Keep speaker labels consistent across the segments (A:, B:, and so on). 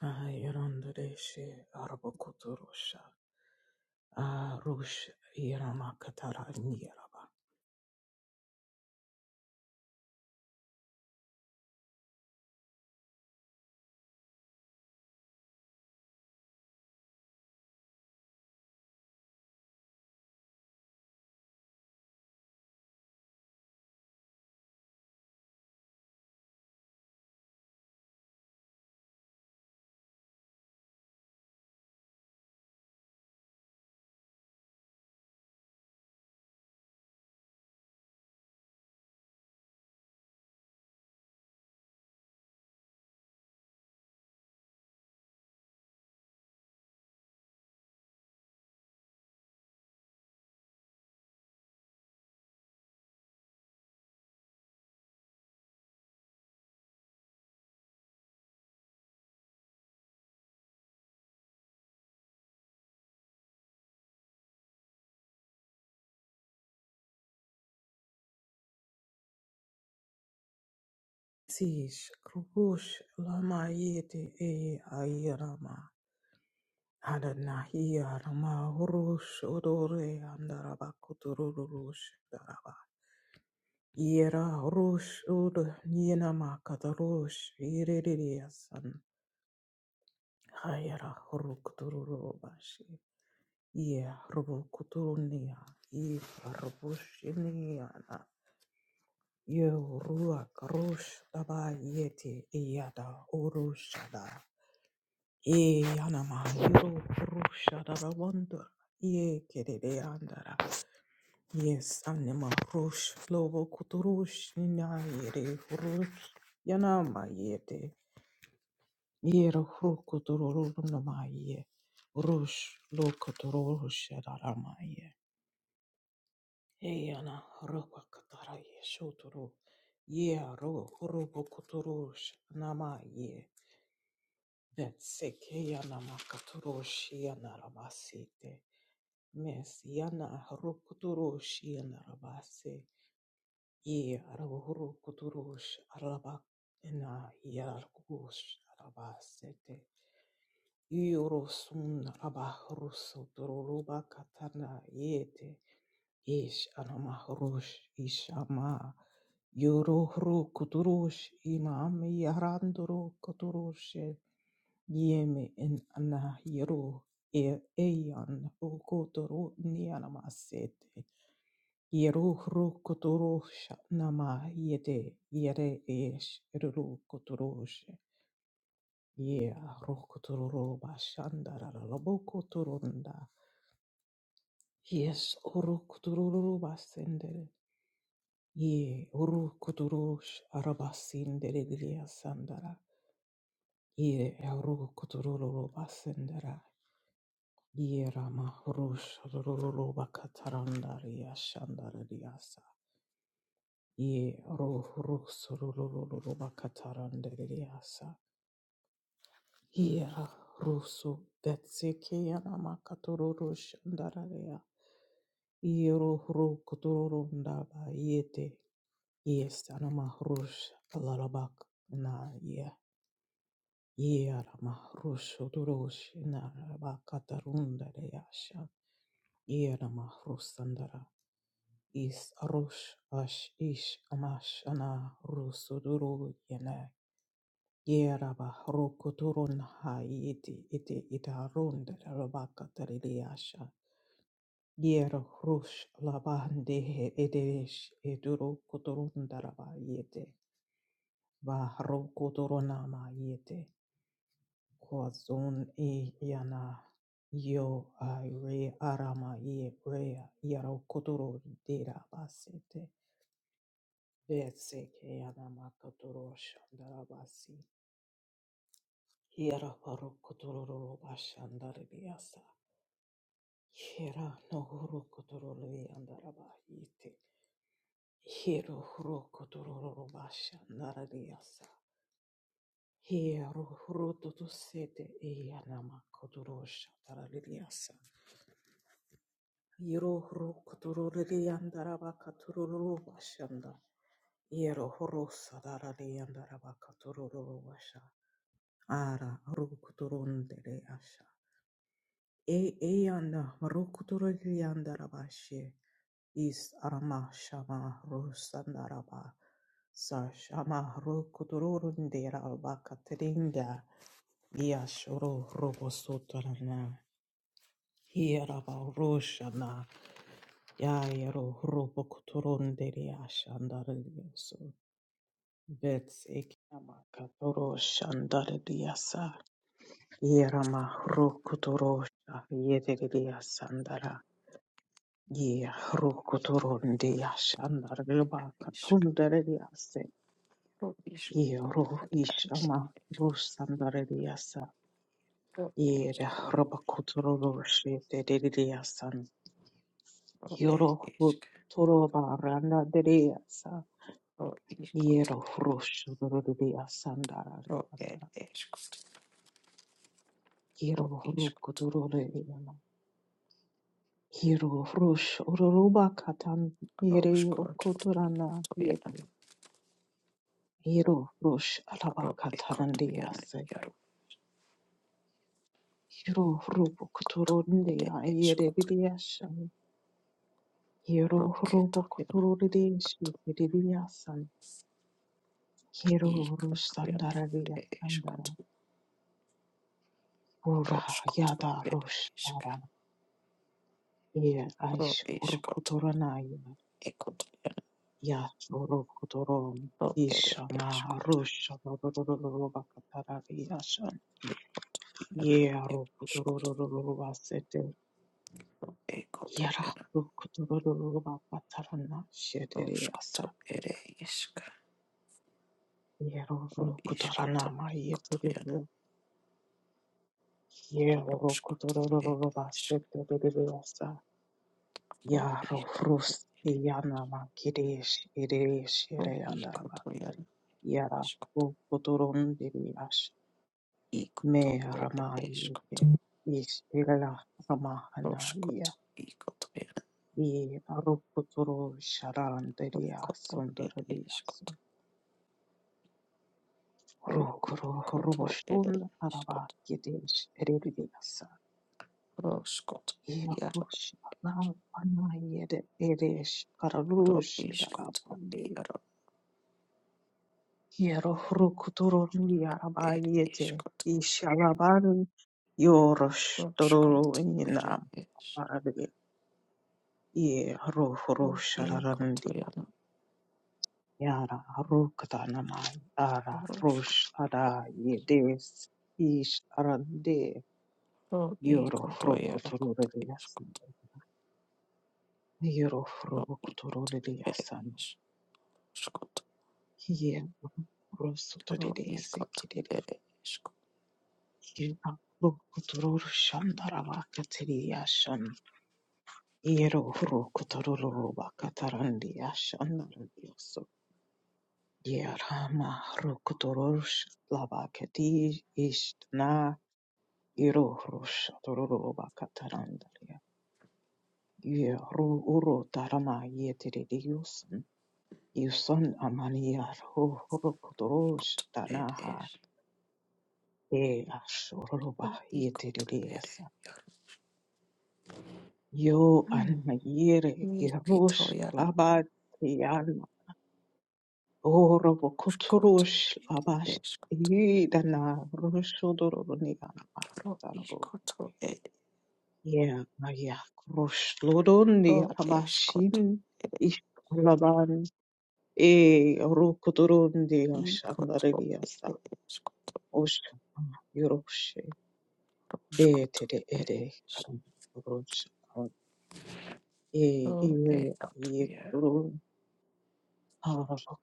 A: Ah, Yarandareshe Arabokotorosha Arush Yaramakatara Niraba Tish Krubush Lama Yeti E Ayarama Adanahi Arama Rush Odore Andarabakotorush Daraba Yera Rush Ud Nienama Katarush Iririasan Hayara Rukuturubashi Ye robo kuturunia, ye robushinia, ye rua karush daba yeti yada urushada, ye yanama yuru roshada wonder, ye kerede andara, yes anima rush lobo kuturush nina yere rosh. yanama yete, ye rohu kutururunama ye, rush lo kuturush Eyana roba katara ye shotoro ye ro robo kotorosh nama ye vetseke yana makatorosh yana rabasete mes yana rokotorosh yana rabase ye ro rokotorosh araba na yarkush rabasete Yorosun rabahrusu doruluba katana yete Ish anamahurush ishama yuruhru kuturush imam yaranduru kuturush yemi in anahiru e eyan ukuturu nianamasete yeruhru kuturush nama yede yere ish ruru kuturush ye rukuturu bashandara lobokuturunda yes rukuturu basendere Ye uru kuturush arabasin deregliya sandara. Ye uru kutururu basendara. Ye rama rush rururu bakatarandariya shandariyasa. Ye ru rus rururu bakatarandariya Ye ra rusu detsekiyana makatururu shandariya. Ye ru ru kutururundaba yete. Yes, anama rush alarabak na ye. Yerama rusho duroshi naraba katarunda reyasha. Yerama rusandara. Is arush ash ish amash ana rusu duru yene. Yeraba rokuturun ha iti iti itarunda raba katariyasha. Yero rush labandehe edesh eduru kuturunda raba yete. Bahro kuturunama yete. Kwazun e yana yo ai re arama i rea yaro kotoro dera basete. Vese ke yana makotoro shandara basi. Yara paro kotoro ro bashandare biasa. Yera no horo kotoro le yandara bahite. Hero horo kotoro ro bashandara biasa. Hero horo toto sete e yana makotoro shandara biasa. Yero horo kotorore yandara bakatororo bashanda. Yero horo sadarare yandara bakatororo basha. Ara horo kotorondere asha. E e yanda horo kotorore yandara bashe. Is arama shama horo sandara ba. Sa shama horo kotorondere bakaterinda. Yashoro robo sotarana. horo bosotarana. Yeraba horo shana. Yayaro Robocotoronderia Shandaradiaso Betsek Namakatoro Shandaradiasa Yerama Rokotorosha Yedidia Sandara Ye Rokotorondia Shandariba
B: Ishk,
A: Katundariase
B: ro ishk,
A: Yero
B: ad
A: Ishama Rusandariasa
B: ro
A: Yere
B: ishk, ad
A: Robocotoroshe Dedidia San
B: ro ed
A: Yoro
B: ishk,
A: Toroba Randa
B: ro ishk, ad
A: Yero Hrosho Dorodia Sandara
B: ro ed ishk, ro
A: Yero
B: ishk,
A: Hroko
B: ad
A: Dorodia Yero Hrosh Uruba Katan
B: ro
A: Yere
B: shk, ad
A: Okotorana Yete Yero Hrosh Alaba
B: ro ishk, to yana, ro ek, ad to yana,
A: Katarandiase
B: yaro,
A: Yero Hrobo
B: to ed
A: Kotorondia
B: ishk,
A: Yere
B: ad
A: Didiashan
B: ro
A: Yero
B: ke, to
A: Hrobo
B: yana, ad to
A: Kotorodiashi Didiasan
B: ik,
A: Yero
B: ad
A: Hrosh
B: to yana,
A: Sandaradia
B: ed ishk,
A: Sandara
B: ad ro
A: Ura
B: shk, ad ro
A: Yada
B: ed
A: Rosh
B: ishk,
A: Ara Yer
B: ro
A: Aish
B: ishk, ad
A: Urkotoranaya
B: ek, ad yana,
A: Yasorokotorom
B: ro ed
A: Ishana
B: ishk, ad
A: Rusha Bakataraviashan
B: ye, ad yana,
A: Yero
B: yaro, shk, ad
A: Kutorobasete
B: ek, ad
A: Yara
B: yana.
A: Rukotorova Patarana Shedriasa
B: Roskoto ere isk,
A: Yero
B: ro iskoto
A: Rukotorana
B: ikoto yana,
A: Yeteribu Yero
B: roskoto ere isk,
A: Kutorovasete
B: ro
A: Yaro Frus
B: ikoto ere,
A: Yana Makirish Irish
B: ro
A: Yere Andaraba
B: ikoto yana,
A: Yara
B: iskoto,
A: Rukotoron
B: ikoto
A: Me
B: ere
A: Ramai
B: iskoto,
A: is Ila Ramahanaya
B: roskoto ikoto yana,
A: E Ruputuru Sharandaria
B: roskoto ere
A: Sundaradias
B: iskoto,
A: Rukuru
B: rokoto ere
A: Ruboshun Araba
B: iskoto,
A: Yedish Eridias
B: roskoto yara,
A: Yarush Nam anayede Erish
B: ro
A: Karalush
B: iskoto
A: Darabandi
B: yara,
A: Yero Rukuturu Yaraba
B: ere
A: Yete
B: iskoto,
A: Isharaban Yorosh Toruru
B: roskoto ere
A: Inam
B: is,
A: Ye haro
B: ro
A: haro
B: ikoto
A: shararandi
B: yana,
A: yara haro katanama yara rosh ada ye des ish arande
B: Ro i
A: yoro
B: koto
A: haro
B: ia a
A: kotorole
B: koto ia
A: yasan
B: skoto.
A: yoro haro
B: Ro i koto
A: kotorole
B: ere
A: yasan
B: es skoto.
A: ye rosuto de
B: Ro
A: de
B: i koto
A: sekide
B: ere es
A: ye haro kotorol shandara vakatiri yashan yero haro katarandi vakatarandi yashan Yerama Rokotorosh Labakati Istna Irohrosh Torobakatarandria. Yeru Uro Tarama Yeteridiusan. Yusan Amaniar Rokotorosh
B: skoto ere
A: Tanaha
B: es.
A: E Ashoroba
B: Ro i koto ere.
A: Yeteridiasa. Yo
B: Mm.
A: Anmayere
B: Ni kito
A: Irosh
B: iara
A: Labatiana.
B: skoto
A: Orobokoturush Labash
B: es koto.
A: Idana
B: Ro i
A: Roshudoroniana.
B: koto ere.
A: Yeah, Maria Krush Lodondi
B: Ro es koto
A: Rabashin
B: ere.
A: Ish Laban E Rukuturundi
B: I koto
A: Ashandareliasa
B: ere es koto.
A: Osh Yoroshe
B: Ro
A: Bete
B: skoto
A: de
B: ere
A: Ede
B: es.
A: Karam Rosh E
B: Ro e
A: Ire
B: koto
A: Aye
B: ia.
A: Kuturun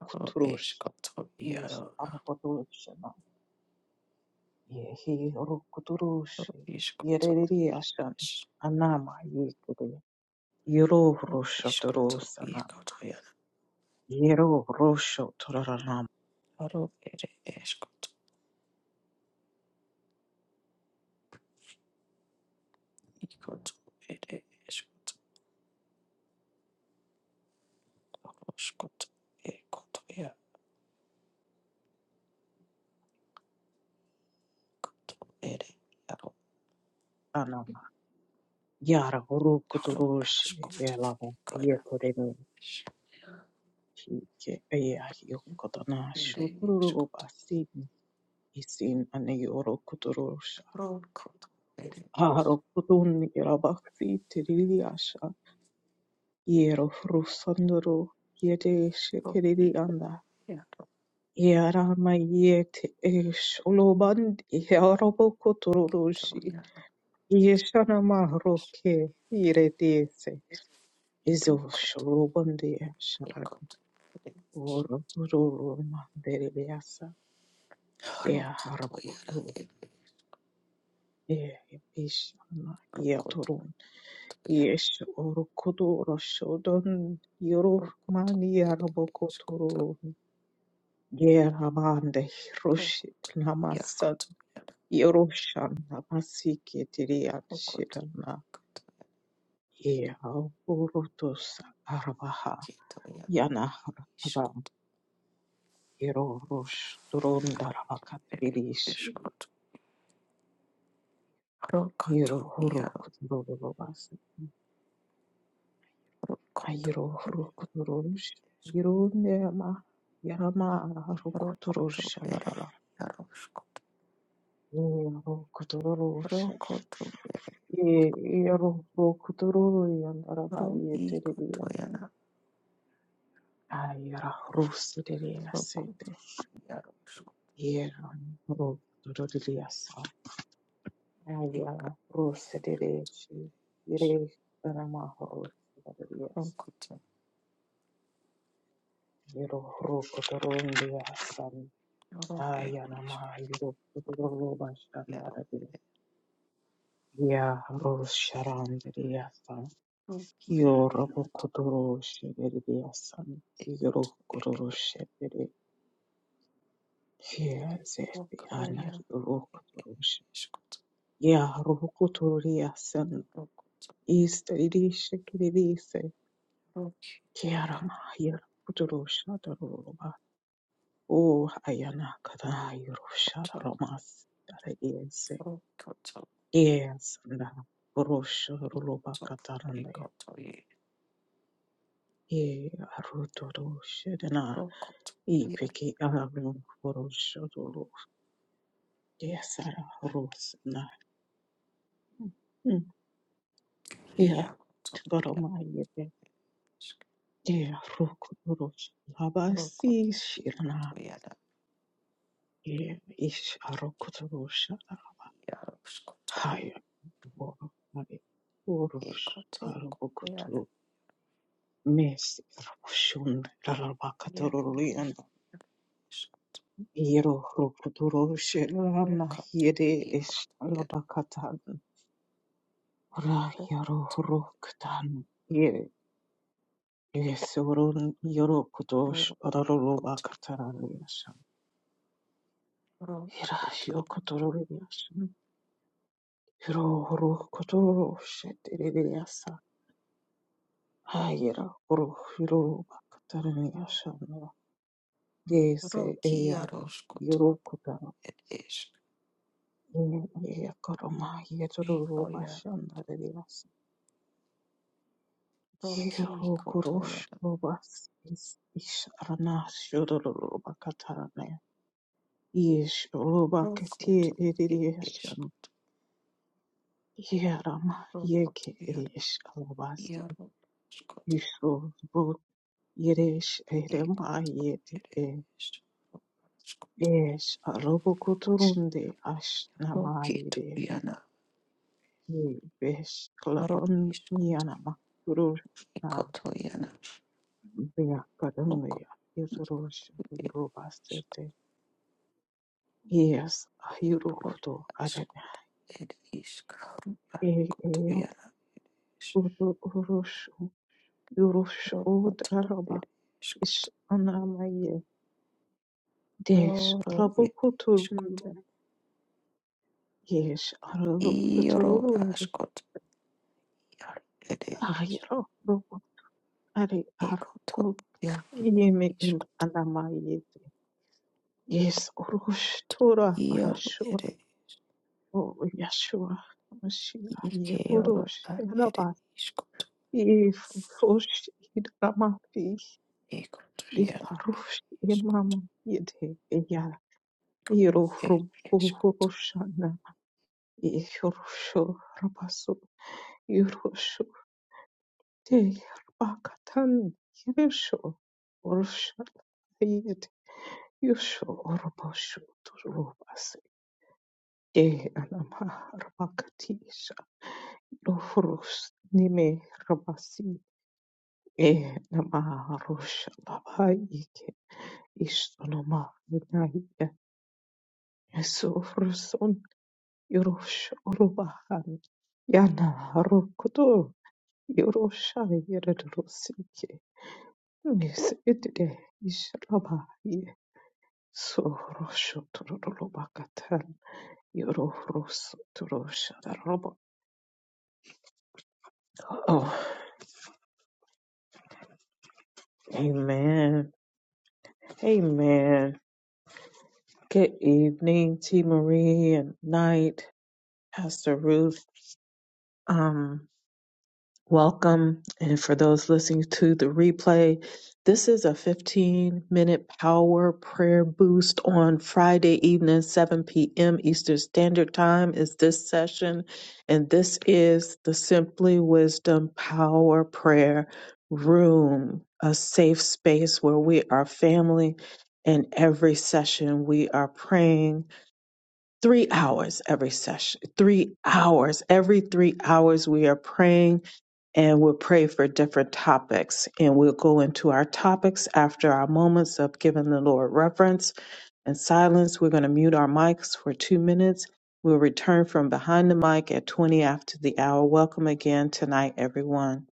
B: Ro es koto iara.
A: Is Arabakuturushana Yehi
B: Ro
A: Rukuturush
B: is koto
A: Yereri Ashan
B: es.
A: Anama Yekudu Yoro
B: Ro iskoto
A: Rosh
B: ikoto yana
A: Yero rosho torarama
B: ro ere eskoto ikoto ere eskoto roskoto ekoto ya koto ere yaro
A: anama yara horo
B: yaro
A: kotoroshi
B: askoto
A: elabo ye
B: ikoya
A: koremi hike eya hio kotana
B: ere
A: shururu
B: eskoto
A: basi isin ane yoro kotorosha
B: ro koto ere
A: haro kotun elabasi tiriliasha yero rusandoro yede
B: ro
A: shekerili
B: ikoto
A: anda
B: yaro
A: yara yete esh oloband yaro
B: ito
A: kotoroshi
B: yana
A: yeshana mahroke iredese
B: ro koto
A: izoshurugondia sharar
B: ikoto ere
A: ururuma deribasa
B: ro
A: ya
B: koto yara
A: harakudu
B: ere
A: ye ishana
B: ro
A: ya
B: koto
A: turun
B: to yana
A: yesh urukudu roshudun
B: ro koto
A: yurumani
B: ere eskoto
A: yarabokoturu ramande
B: ro
A: rush
B: koto
A: namasan
B: yakoto
A: yorushan namasike diriyan
B: Rokoto,
A: shirana
B: koto,
A: ye urutus arbaha
B: kito, yana,
A: yana
B: ishkoto,
A: Hero Rosh
B: ere,
A: Turondarabakatrish
B: ishkoto. Rokoto,
A: Hero Horo
B: yaro,
A: Kudurubas
B: rokoto,
A: Hiro Rukuturush
B: ishkoto.
A: Hirunema Yama
B: Rokoto, ere,
A: Rukuturushalara
B: yaro, ishkoto.
A: Hero Kuturush
B: Rokoto, ere, ishkoto.
A: Hero Rukuturu Yandaraba
B: Ro, ikoto,
A: Yeterias
B: yana,
A: Ayra
B: rokoto,
A: Rusidiriasete
B: yaro, ishkoto.
A: Hero Rukuturilias
B: Ika,
A: Ayra Rusidirishi
B: ish-
A: Yere Ramahoro Yes.
B: Rokoto,
A: Yoro horo kotoro ndi asan.
B: yaro, ere,
A: Aya nama
B: ishkoto.
A: yoro kotoro
B: Ro,
A: roba
B: yaro,
A: shandara di. Ya horo sharandi di
B: rokiya,
A: Yoro bo kotoro shibiri di asan.
B: ere,
A: kotoro shibiri. Ya zefi
B: rokoro,
A: ana
B: yaro,
A: yoro kotoro shibiri.
B: ishkoto.
A: Ya horo kotoro di asan.
B: Rokoto,
A: Istari di shikiri di
B: rokito, yaro,
A: kotoro shataro roba. O ayana kada yoro
B: koto.
A: shataro mas.
B: Rokoto,
A: Yes, na korosho ruloba
B: ikoto,
A: kataranda ya.
B: ikoto,
A: Ye aruto roshe na
B: Rokoto ir
A: ipeki arum korosho rulo. Yes, ara ros na. Mm, Yeah,
B: iakotonaya
A: tkoroma yebe. Ye aruk rosh labasi
B: rokoto
A: shirna.
B: ikotoyada
A: Ye ish aruk rosh
B: iaroskoto
A: haya boro haya borosh
B: ekoto koyada
A: arubokuturu. Mes roshun
B: iakomisk
A: rarabakatorulu Yero Rokudoroshe Lama
B: rokoto
A: Yere is
B: ikotoyada
A: Labakatan Ra
B: ro
A: Yaro Rokutan Yere Yesorun Yoro Kudosh
B: rokoto
A: Rarobakatan Yasam Hira
B: rokoto
A: Yokotoro Yasam Hiro Rokudoro Shetiriyasa Hayera Ro Hiro Bakatan Yasam Yese Eyan
B: rokiaroskoto
A: Yoro Kutan
B: ed isk
A: Yakaroma Yetoro Bashan
B: ekoyakoto rokikotoyada
A: Yehorokoroshorobas is Isharanashorobakatarane. Yeshorobakete
B: rokoto ed
A: Edidiashan.
B: isk
A: Yerama
B: rokoto
A: Yeke
B: yada
A: Eshalabasi.
B: iaroskoto
A: Yeshorobot Yeresh Erema
B: ekoisk
A: Yete
B: rokoto
A: Esh Arobokoturunde Ash Namayede.
B: rokitoriana
A: Yebesh
B: Ro
A: Laban
B: iskot
A: Yanama. Rush
B: ikoto yana roko
A: Beakadunya.
B: iskaro
A: Yeshorobas Yes, Ayurukudo
B: asko
A: Arena.
B: ed iskaro
A: E
B: akoto
A: eu
B: yana
A: uru Urushu Yurushu
B: rokoto
A: Udraba
B: ed iskot
A: Ish Anamaye Desh
B: roro ed iskot
A: Arabukuturunde Yes
B: iro
A: Aralukuturundi
B: askot yar ed is
A: Ayro Rubu Ari
B: ikoto
A: Arukut
B: ya
A: Yemi Im
B: iskot
A: Anamaye Yes Urush Tura
B: iro ed
A: Rashu
B: is
A: O Yashua Mashiach
B: ike iro
A: Yekurush
B: a ed
A: Rabba
B: iskot
A: If Rush Idramafi
B: ikoto yana
A: Iparush
B: iskaro
A: imam yede ya iro
B: ed
A: rum
B: iskot
A: kuhurushana ihurusho rabasu irusho te bakatan irusho urusha yed yusho urubashu turubas ye anama rabakatisha lofurus nime rabasi e nama rusha labayike ishtonoma vinayya Yorosha Urubahan Yana Harukuto Yorosha Yererusiye Nisidire Ishrabaye Sorosho Turubakatan Yoros Turosha Roba. Oh, amen. Amen. Good evening, T. Marie and night, Pastor Ruth. Um, Welcome. And for those listening to the replay, this is a 15 minute power prayer boost on Friday evening, 7 p.m. Eastern Standard Time is this session. And this is the Simply Wisdom Power Prayer Room, a safe space where we are family. And every session we are praying three hours every session, three hours. Every three hours, we are praying and we'll pray for different topics. And we'll go into our topics after our moments of giving the Lord reverence and silence. We're going to mute our mics for two minutes. We'll return from behind the mic at 20 after the hour. Welcome again tonight, everyone.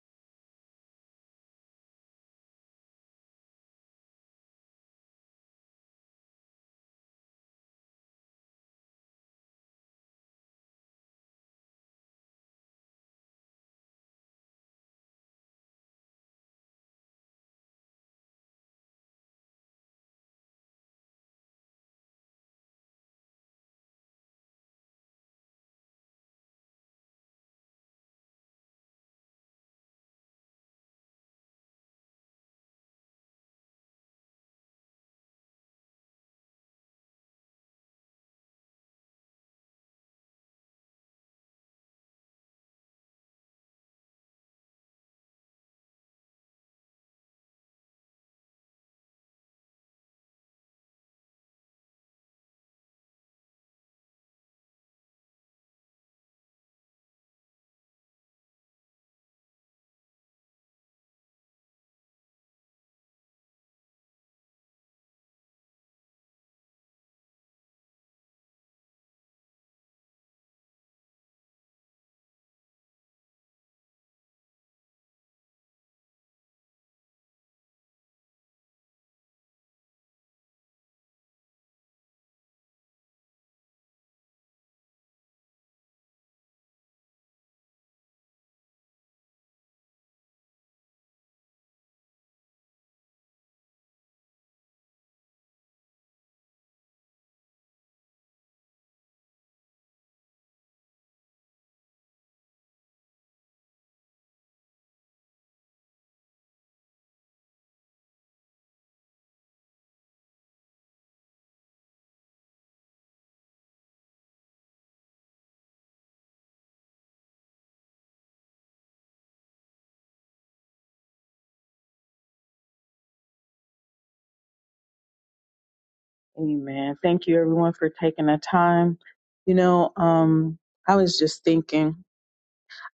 A: Amen. Thank you everyone for taking the time. You know, um, I was just thinking,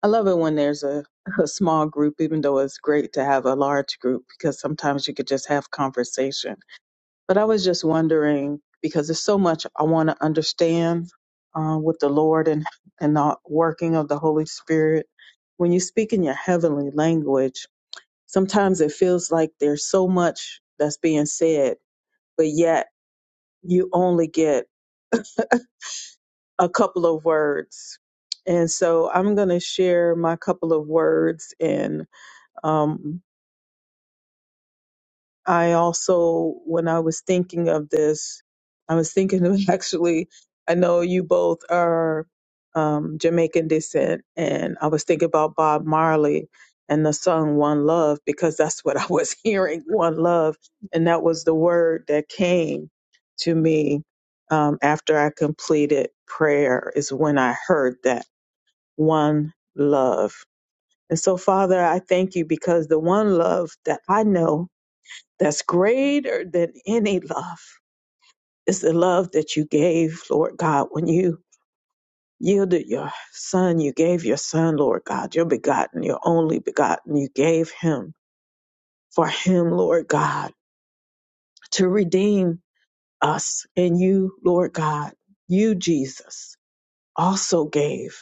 A: I love it when there's a, a small group, even though it's great to have a large group because sometimes you could just have conversation. But I was just wondering because there's so much I want to understand uh, with the Lord and, and the working of the Holy Spirit. When you speak in your heavenly language, Sometimes it feels like there's so much that's being said, but yet you only get a couple of words. And so I'm going to share my couple of words and um, I also, when I was thinking of this, I was thinking of actually, I know you both are um, Jamaican descent, and I was thinking about Bob Marley and the song One Love because that's what I was hearing One Love. And that was the word that came to me um, after I completed prayer, is when I heard that One Love. And so, Father, I thank you because the one love that I know that's greater than any love is the love that you gave, Lord God, when you yielded your son, you gave your son, Lord God, your begotten, your only begotten, you gave him for him, Lord God, to redeem us. And you, Lord God, you, Jesus, also gave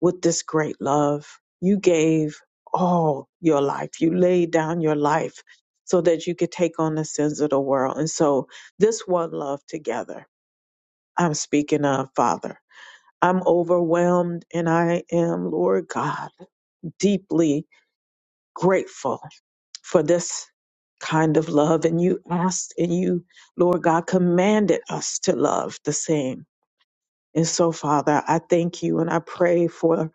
A: with this great love. You gave all your life. You laid down your life so that you could take on the sins of the world. And so this one love together I'm speaking of, Father. I'm overwhelmed and I am, Lord God, deeply grateful for this kind of love. And you asked and you, Lord God, commanded us to love the same. And so, Father, I thank you and I pray for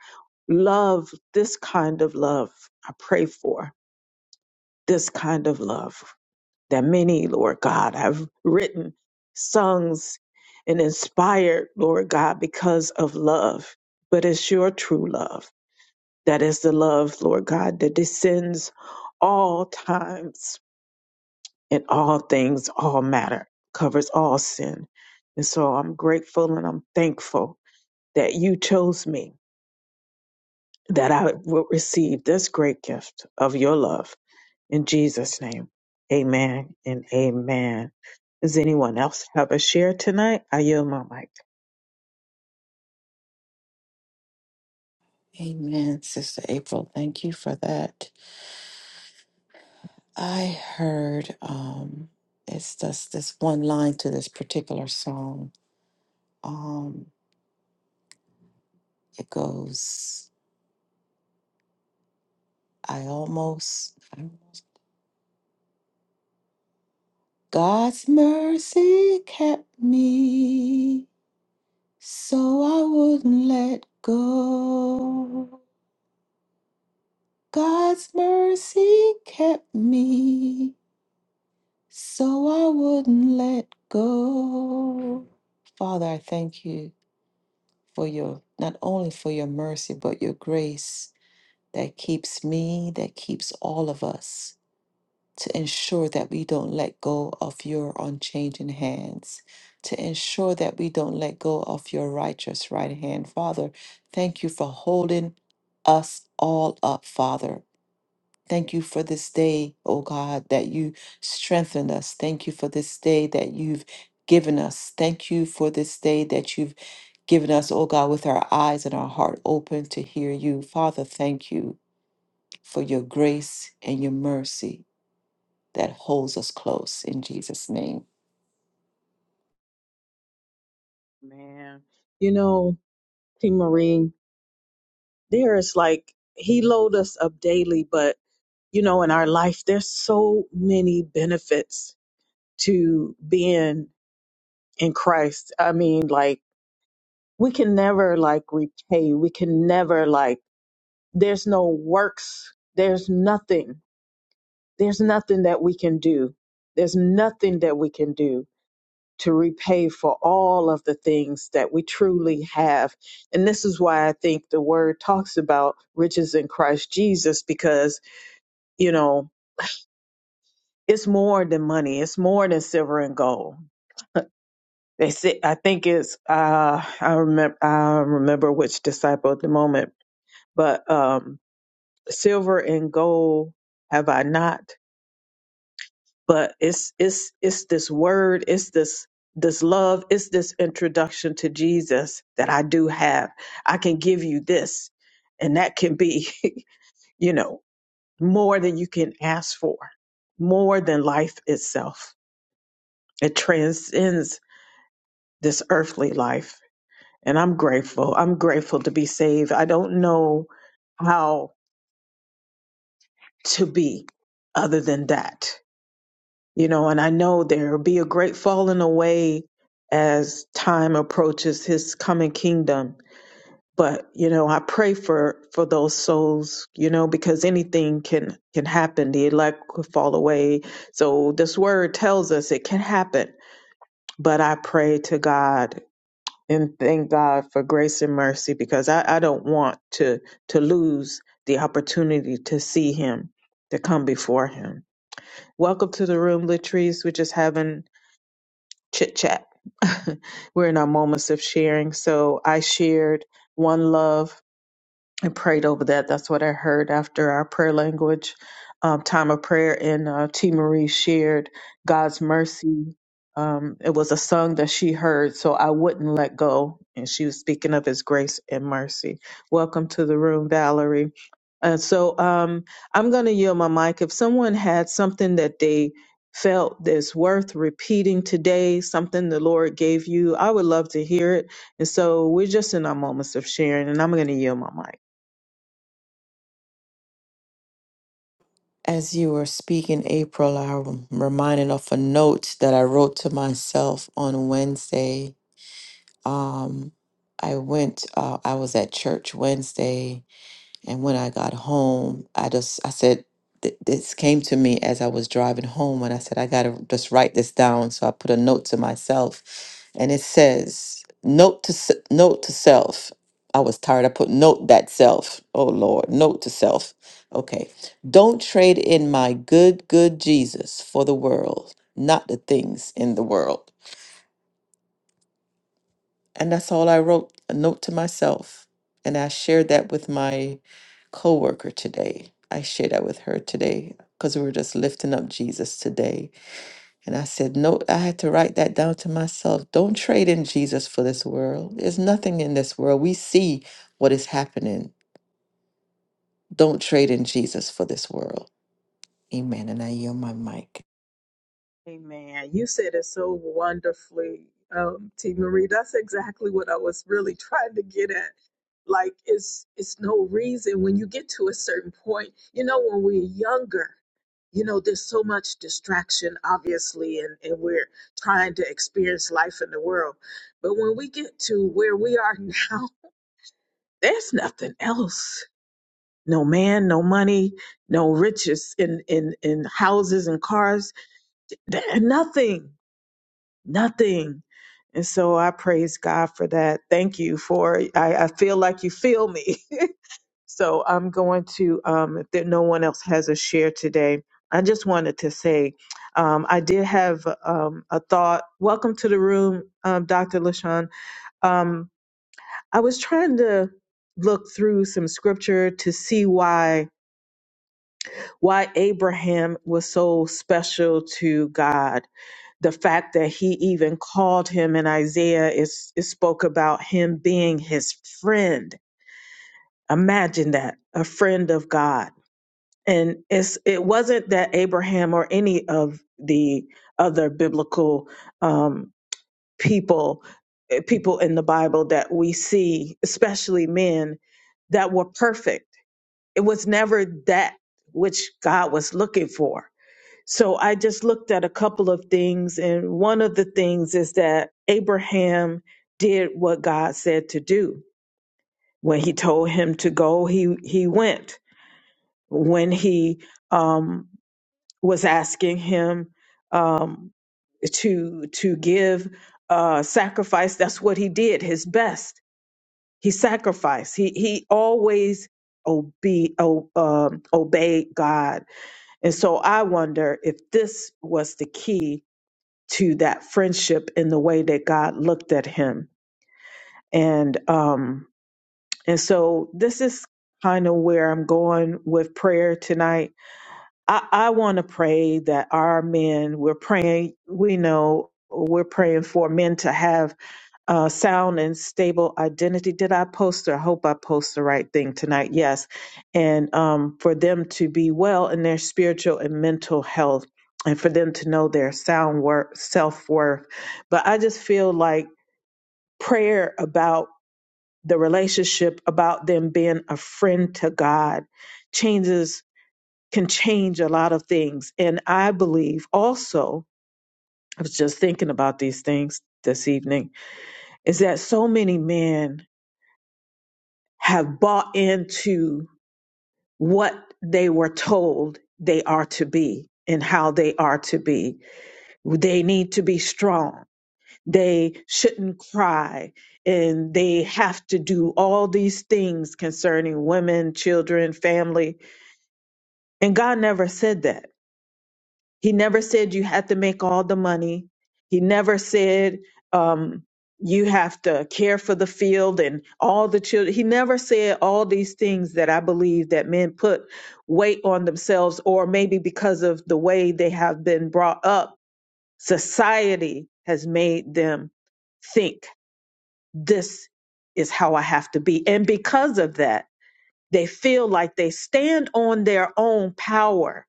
A: love, this kind of love. I pray for this kind of love. that many, Lord God, have written songs and inspired, Lord God, because of love. But it's your true love that is the love, Lord God, that descends all times and all things, all matter, covers all sin. And so I'm grateful and I'm thankful that you chose me, that I will receive this great gift of your love In Jesus' name, amen and amen. Does anyone else have a share tonight? I yield my mic.
B: Amen, Sister April. Thank you for that. I heard um, it's just this one line to this particular song. Um, it goes, I almost, I almost, God's mercy kept me so I wouldn't let go. God's mercy kept me so I wouldn't let go. Father, I thank you for your, not only for your mercy, but your grace that keeps me, that keeps all of us, to ensure that we don't let go of your unchanging hands, to ensure that we don't let go of your righteous right hand. Father, thank you for holding us all up, Father. Thank you for this day, oh God, that you strengthened us. Thank you for this day that you've given us. Thank you for this day that you've given us, oh God, with our eyes and our heart open to hear you. Father, thank you for your grace and your mercy that holds us close in Jesus' name.
A: Man, you know, Team Marine, there is like he load us up daily, but you know, in our life, there's so many benefits to being in Christ. I mean, like we can never like repay. We can never like. There's no works. There's nothing. There's nothing that we can do. There's nothing that we can do to repay for all of the things that we truly have. And this is why I think the word talks about riches in Christ Jesus because, you know, it's more than money, it's more than silver and gold. They say, I think it's, uh, I remember, I remember which disciple at the moment, but, um, silver and gold have I not, but it's it's it's this word it's this this love it's this introduction to jesus that i do have i can give you this and that can be you know more than you can ask for more than life itself it transcends this earthly life and i'm grateful i'm grateful to be saved i don't know how to be other than that you know, and I know there will be a great falling away as time approaches his coming kingdom. But, you know, I pray for for those souls, you know, because anything can can happen. The elect could fall away. So this word tells us it can happen. But I pray to God and thank God for grace and mercy because I, I don't want to to lose the opportunity to see him, to come before him. Welcome to the room, Latrice. We're just having chit chat. We're in our moments of sharing. So I shared one love and prayed over that. That's what I heard after our prayer language um, time of prayer. And uh, T. Marie shared God's mercy. Um, it was a song that she heard, so I wouldn't let go. And she was speaking of His grace and mercy. Welcome to the room, Valerie. And so um, I'm going to yield my mic. If someone had something that they felt is worth repeating today, something the Lord gave you, I would love to hear it. And so we're just in our moments of sharing, and I'm going to yield my mic.
B: As you were speaking, April, I'm reminded of a note that I wrote to myself on Wednesday. Um, I went, uh, I was at church Wednesday And when I got home, I just I said th- this came to me as I was driving home, and I said I gotta just write this down. So I put a note to myself, and it says note to s- note to self. I was tired. I put note that self. Oh Lord, note to self. Okay, don't trade in my good good Jesus for the world, not the things in the world. And that's all I wrote a note to myself. And I shared that with my coworker today. I shared that with her today because we were just lifting up Jesus today. And I said, No, I had to write that down to myself. Don't trade in Jesus for this world. There's nothing in this world. We see what is happening. Don't trade in Jesus for this world. Amen. And I yield my mic.
A: Amen. You said it so wonderfully, um, T. Marie. That's exactly what I was really trying to get at. Like it's it's no reason when you get to a certain point, you know, when we're younger, you know, there's so much distraction, obviously, and, and we're trying to experience life in the world. But when we get to where we are now, there's nothing else. No man, no money, no riches in in, in houses and cars. There, nothing nothing. And so I praise God for that. Thank you for I, I feel like you feel me. so I'm going to um if there, no one else has a share today. I just wanted to say um, I did have um, a thought. Welcome to the room, um, Dr. LaShawn. Um, I was trying to look through some scripture to see why why Abraham was so special to God the fact that he even called him in Isaiah is it spoke about him being his friend. Imagine that, a friend of God. And it's it wasn't that Abraham or any of the other biblical um, people eh, people in the Bible that we see, especially men that were perfect. It was never that which God was looking for so I just looked at a couple of things, and one of the things is that Abraham did what God said to do. When He told him to go, he he went. When He um, was asking him um, to to give uh, sacrifice, that's what he did. His best, he sacrificed. He he always obe- o- um, obeyed God, and so I wonder if this was the key to that friendship in the way that God looked at him. And um and so this is kind of where I'm going with prayer tonight. I, I want to pray that our men, we're praying, we know we're praying for men to have uh, sound and stable identity. Did I post or I hope I post the right thing tonight? Yes. And um, for them to be well in their spiritual and mental health and for them to know their sound worth, self worth. But I just feel like prayer about the relationship, about them being a friend to God, changes, can change a lot of things. And I believe also, I was just thinking about these things this evening, is that so many men have bought into what they were told they are to be and how they are to be. They need to be strong. They shouldn't cry. And they have to do all these things concerning women, children, family. And God never said that. He never said you had to make all the money. He never said um, you have to care for the field and all the children. He never said all these things that I believe that men put weight on themselves, or maybe because of the way they have been brought up, society has made them think this is how I have to be. And because of that, they feel like they stand on their own power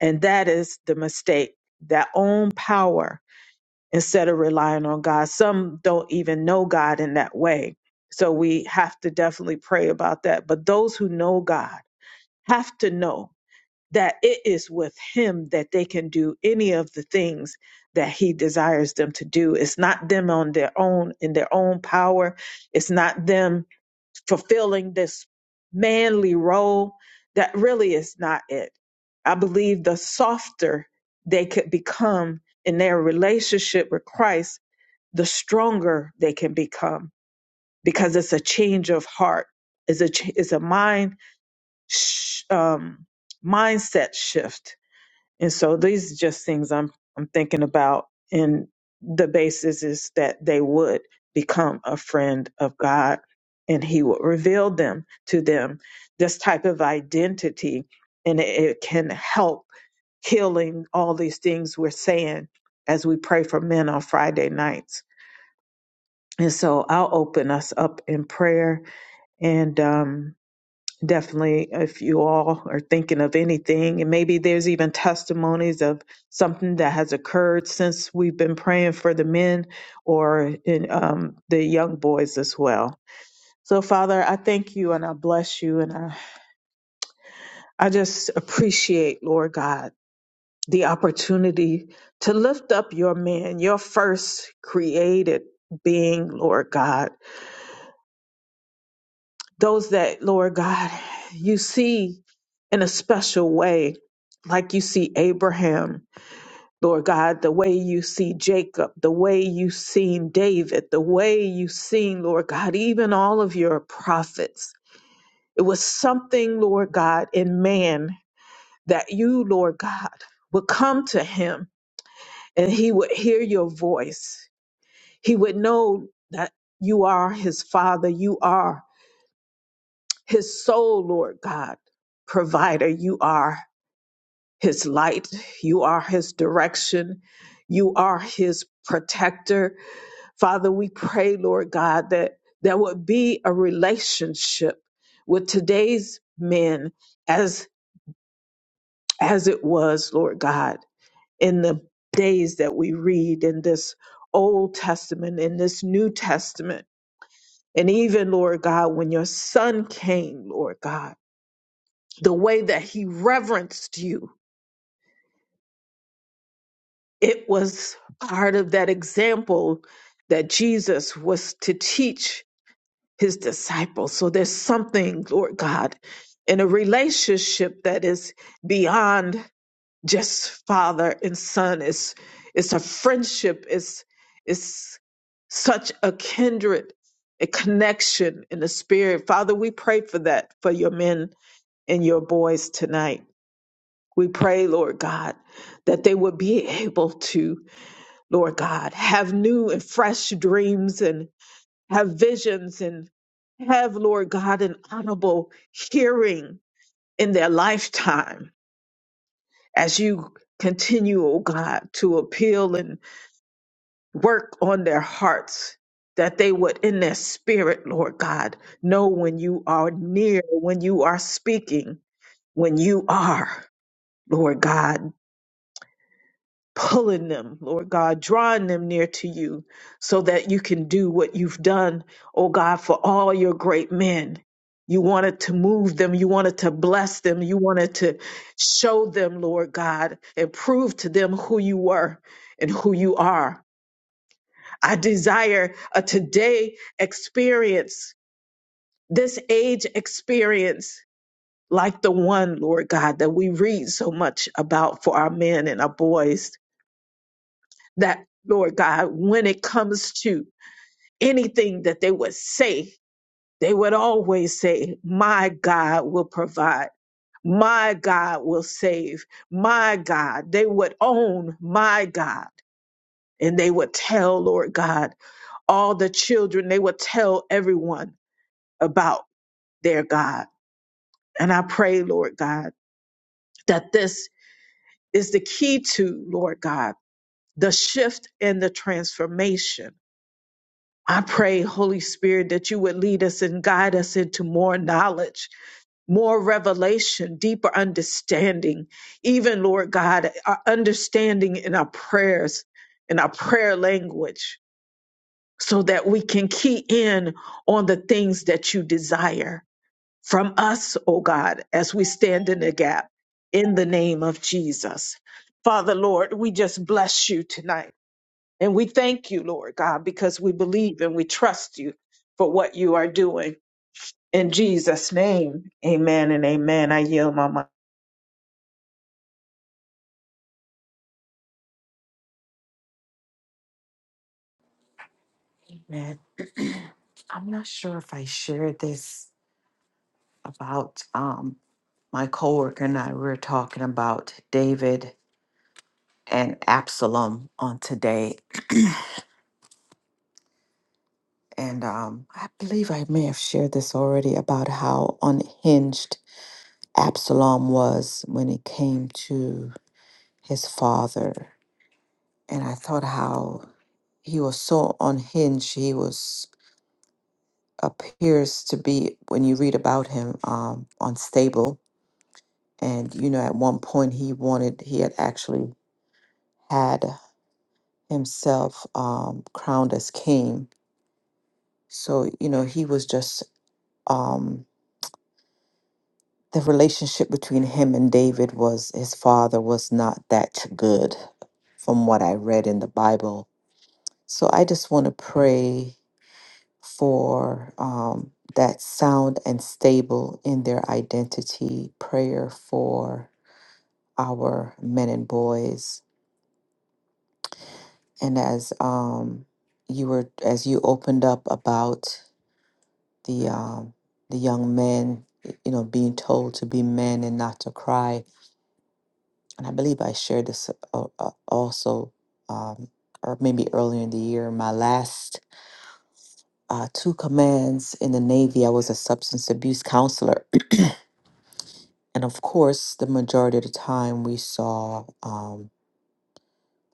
A: and that is the mistake, that own power instead of relying on God. Some don't even know God in that way. So we have to definitely pray about that. But those who know God have to know that it is with Him that they can do any of the things that He desires them to do. It's not them on their own, in their own power. It's not them fulfilling this manly role that really is not it. I believe the softer they could become in their relationship with Christ, the stronger they can become because it's a change of heart, it's a ch- it's a mind sh- um, mindset shift and so these are just things I'm I'm thinking about and the basis is that they would become a friend of God and he would reveal them to them this type of identity and it, it can help healing all these things we're saying as we pray for men on Friday nights. And so I'll open us up in prayer and um definitely if you all are thinking of anything and maybe there's even testimonies of something that has occurred since we've been praying for the men or in, um, the young boys as well so father i thank you and i bless you and i, I just appreciate lord god the opportunity to lift up your man your first created being lord god those that, Lord God, you see in a special way, like you see Abraham, Lord God, the way you see Jacob, the way you seen David, the way you seen, Lord God, even all of your prophets. It was something, Lord God, in man that you, Lord God, would come to him and he would hear your voice. He would know that you are his father, you are his soul, Lord God. Provider, you are his light, you are his direction, you are his protector. Father, we pray, Lord God, that there would be a relationship with today's men as as it was, Lord God, in the days that we read in this Old Testament, in this New Testament, and even, Lord God, when your son came, Lord God the way that he reverenced you, it was part of that example that Jesus was to teach his disciples. So there's something, Lord God, in a relationship that is beyond just father and son. It's it's a friendship. It's it's such a kindred, a connection in the spirit. Father, we pray for that for your men and your boys tonight. We pray, Lord God, that they would be able to, Lord God, have new and fresh dreams and have visions and have, Lord God, an honorable hearing in their lifetime as you continue, O God, to appeal and work on their hearts, that they would, in their spirit, Lord God, know when you are near, when you are speaking, when you are. Lord God. pulling them, Lord God, drawing them near to you so that you can do what you've done, oh God, for all your great men. You wanted to move them. You wanted to bless them. You wanted to show them, Lord God, and prove to them who you were and who you are. I desire a today experience, this age experience, like the one, Lord God, that we read so much about for our men and our boys that, Lord God, when it comes to anything that they would say, they would always say, My God will provide. My God will save. My God. They would own my God. And they would tell, Lord God, all the children, they would tell everyone about their God. And I pray, Lord God, that this is the key to, Lord God, the shift and the transformation I pray, Holy Spirit, that you would lead us and guide us into more knowledge, more revelation, deeper understanding. Even, Lord God, our understanding in our prayers, in our prayer language, so that we can key in on the things that you desire from us, O God, as we stand in the gap in the name of Jesus. Father, Lord, we just bless you tonight. And we thank you, Lord God, because we believe and we trust you for what you are doing. In Jesus' name, amen and amen. I yield my mind.
B: Amen. I'm not sure if I shared this about um my coworker and I. We were talking about David and Absalom on today. And um, I believe I may have shared this already about how unhinged Absalom was when it came to his father. And I thought how he was so unhinged. He was appears to be when you read about him um, unstable. And you know, at one point he wanted he had actually had himself um, crowned as king. So you know, he was just um, the relationship between him and David was his father was not that good, from what I read in the Bible. So I just want to pray for um, that sound and stable in their identity, prayer for our men and boys. And as um, you were, as you opened up about the, um, the young men, you know, being told to be men and not to cry, and I believe I shared this uh, uh, also, um, or maybe earlier in the year, my last uh, two commands in the Navy, I was a substance abuse counselor. And of course, the majority of the time we saw um,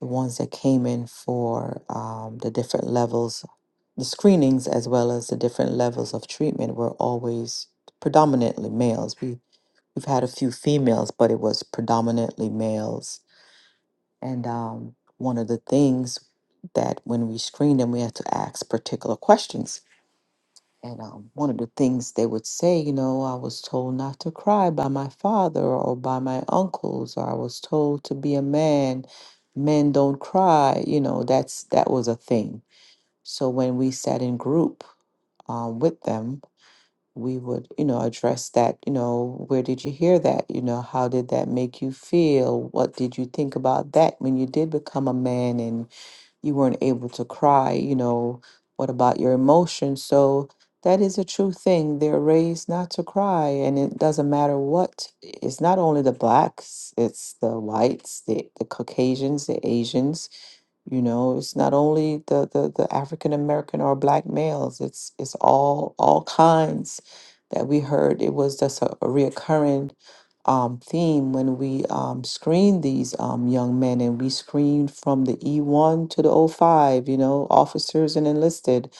B: the ones that came in for um, the different levels, the screenings, as well as the different levels of treatment were always predominantly males. We, we've had a few females, but it was predominantly males And um, one of the things that when we screen them, we have to ask particular questions. And um, one of the things they would say, you know, I was told not to cry by my father or by my uncles, or I was told to be a man. Men don't cry. You know, that's that was a thing. So when we sat in group um, with them, we would, you know, address that. You know, where did you hear that? You know, how did that make you feel? What did you think about that when you did become a man? And you weren't able to cry, you know, what about your emotions? So that is a true thing. They're raised not to cry, and it doesn't matter what. It's not only the blacks, it's the whites, the, the Caucasians, the Asians you know, it's not only the the, the African American or black males. It's it's all all kinds that we heard. It was just a, a reoccurring um, theme when we um, screened these um, young men, and we screened from the E one to the O 05, You know, officers and enlisted,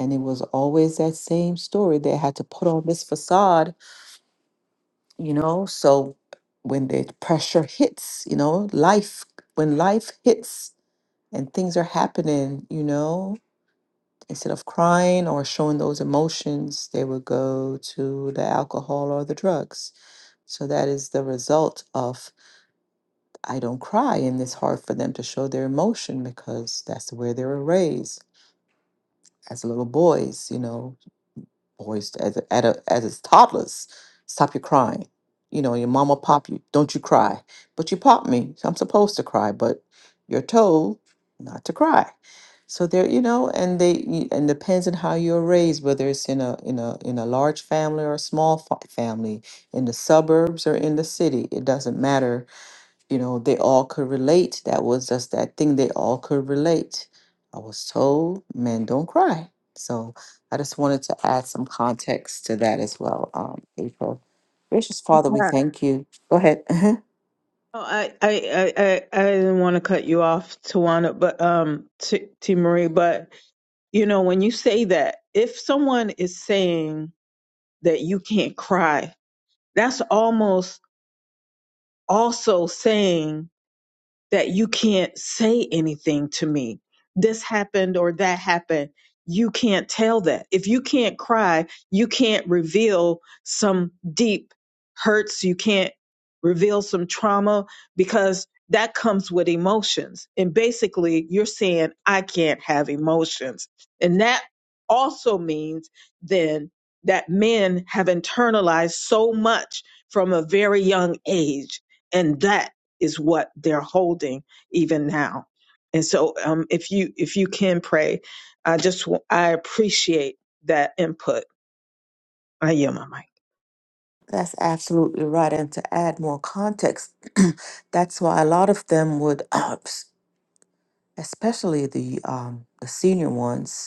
B: and it was always that same story. They had to put on this facade. You know, so when the pressure hits, you know, life when life hits and things are happening, you know. Instead of crying or showing those emotions, they would go to the alcohol or the drugs. So that is the result of I don't cry, and it's hard for them to show their emotion because that's where they were raised as little boys, you know boys as a, at a, as it's toddlers. Stop your crying. You know, your mama pop you. Don't you cry. But you pop me. So I'm supposed to cry, but you're told not to cry. So there, you know, and they you- and depends on how you're raised, whether it's in a in a in a large family or a small fa- family, in the suburbs or in the city. It doesn't matter you know, they all could relate. That was just that thing they all could relate. I was told men don't cry. So I just wanted to add some context to that as well, um, April. Gracious Father, we
A: Yeah.
B: thank you. Go ahead.
A: Oh, I, I, I, I I didn't want to cut you off, Tawana, but um, T, T Marie, but you know, when you say that, if someone is saying that you can't cry, that's almost also saying that you can't say anything to me. This happened or that happened. You can't tell that. If you can't cry, you can't reveal some deep hurts. You can't reveal some trauma because that comes with emotions. And basically, you're saying, I can't have emotions. And that also means then that men have internalized so much from a very young age. And that is what they're holding even now. And so, um, if you if you can pray, I just w- I appreciate that input. I yield my mic.
B: That's absolutely right. And to add more context, that's why a lot of them would, especially the um, the senior ones,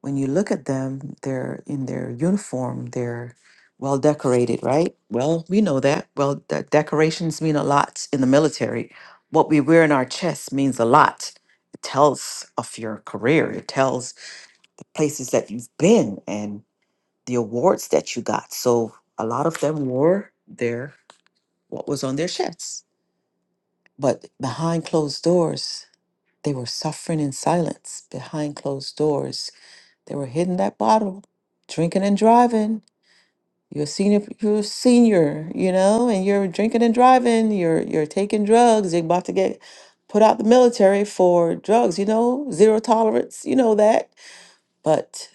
B: When you look at them, they're in their uniform, they're well decorated, right? Well, we know that. Well, the decorations mean a lot in the military. What we wear in our chests means a lot. It tells of your career, it tells places that you've been and the awards that you got. So a lot of them wore their what was on their chests. But behind closed doors, they were suffering in silence behind closed doors they were hitting that bottle, drinking and driving. You're a senior, you're a senior, you know, and you're drinking and driving. You're you're taking drugs. You're about to get put out the military for drugs. You know, zero tolerance. You know that. But